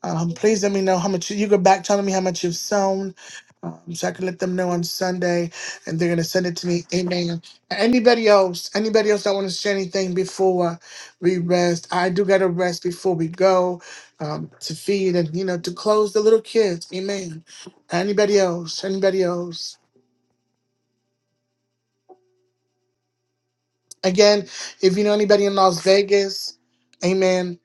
S1: Um, please let me know how much you, you go back telling me how much you've sewn um, so I can let them know on Sunday and they're going to send it to me. Amen. Anybody else, anybody else that want to share anything before we rest? I do got to rest before we go um, to feed and, you know, to close the little kids. Amen. Anybody else? Anybody else? Again, if you know anybody in Las Vegas, amen.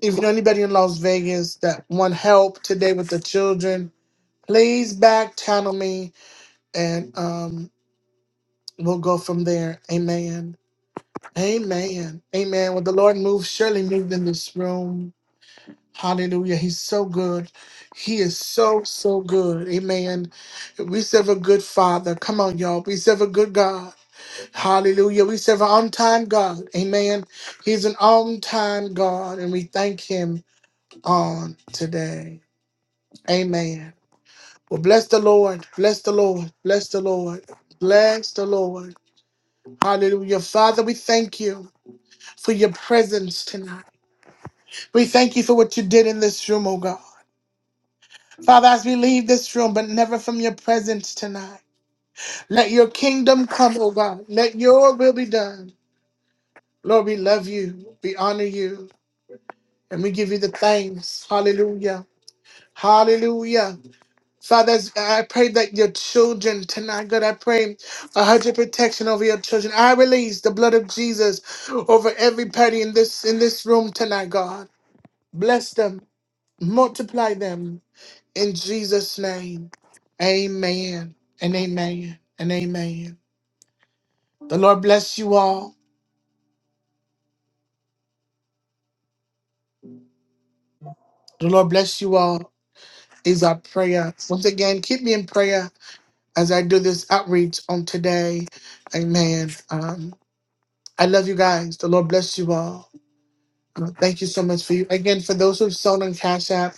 S1: If you know anybody in Las Vegas that want help today with the children, please back channel me and um, we'll go from there. Amen. Amen. Amen. When the Lord moves, surely moved in this room. Hallelujah. He's so good. He is so, so good. Amen. We serve a good father. Come on, y'all. We serve a good God. Hallelujah. We serve an on time God. Amen. He's an on time God, and we thank him on today. Amen. Well, bless the Lord. Bless the Lord. Bless the Lord. Bless the Lord. Hallelujah. Father, we thank you for your presence tonight. We thank you for what you did in this room, oh God. Father, as we leave this room, but never from your presence tonight, let your kingdom come, oh God. Let your will be done. Lord, we love you. We honor you. And we give you the thanks. Hallelujah. Hallelujah. Father, I pray that your children tonight, God, I pray a hedge of protection over your children. I release the blood of Jesus over every party in this in this room tonight, God. Bless them. Multiply them in Jesus' name. Amen. And amen. And amen. The Lord bless you all. The Lord bless you all is our prayer. Once again, keep me in prayer. as I do this outreach on today. Amen. Um, I love you guys. The Lord bless you all. Uh, thank you so much for you. Again, for those who've sown on Cash App,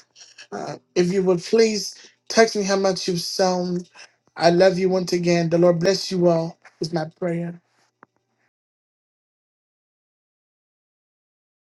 S1: uh, if you would please text me how much you've sown. I love you once again. The Lord bless you all, is my prayer.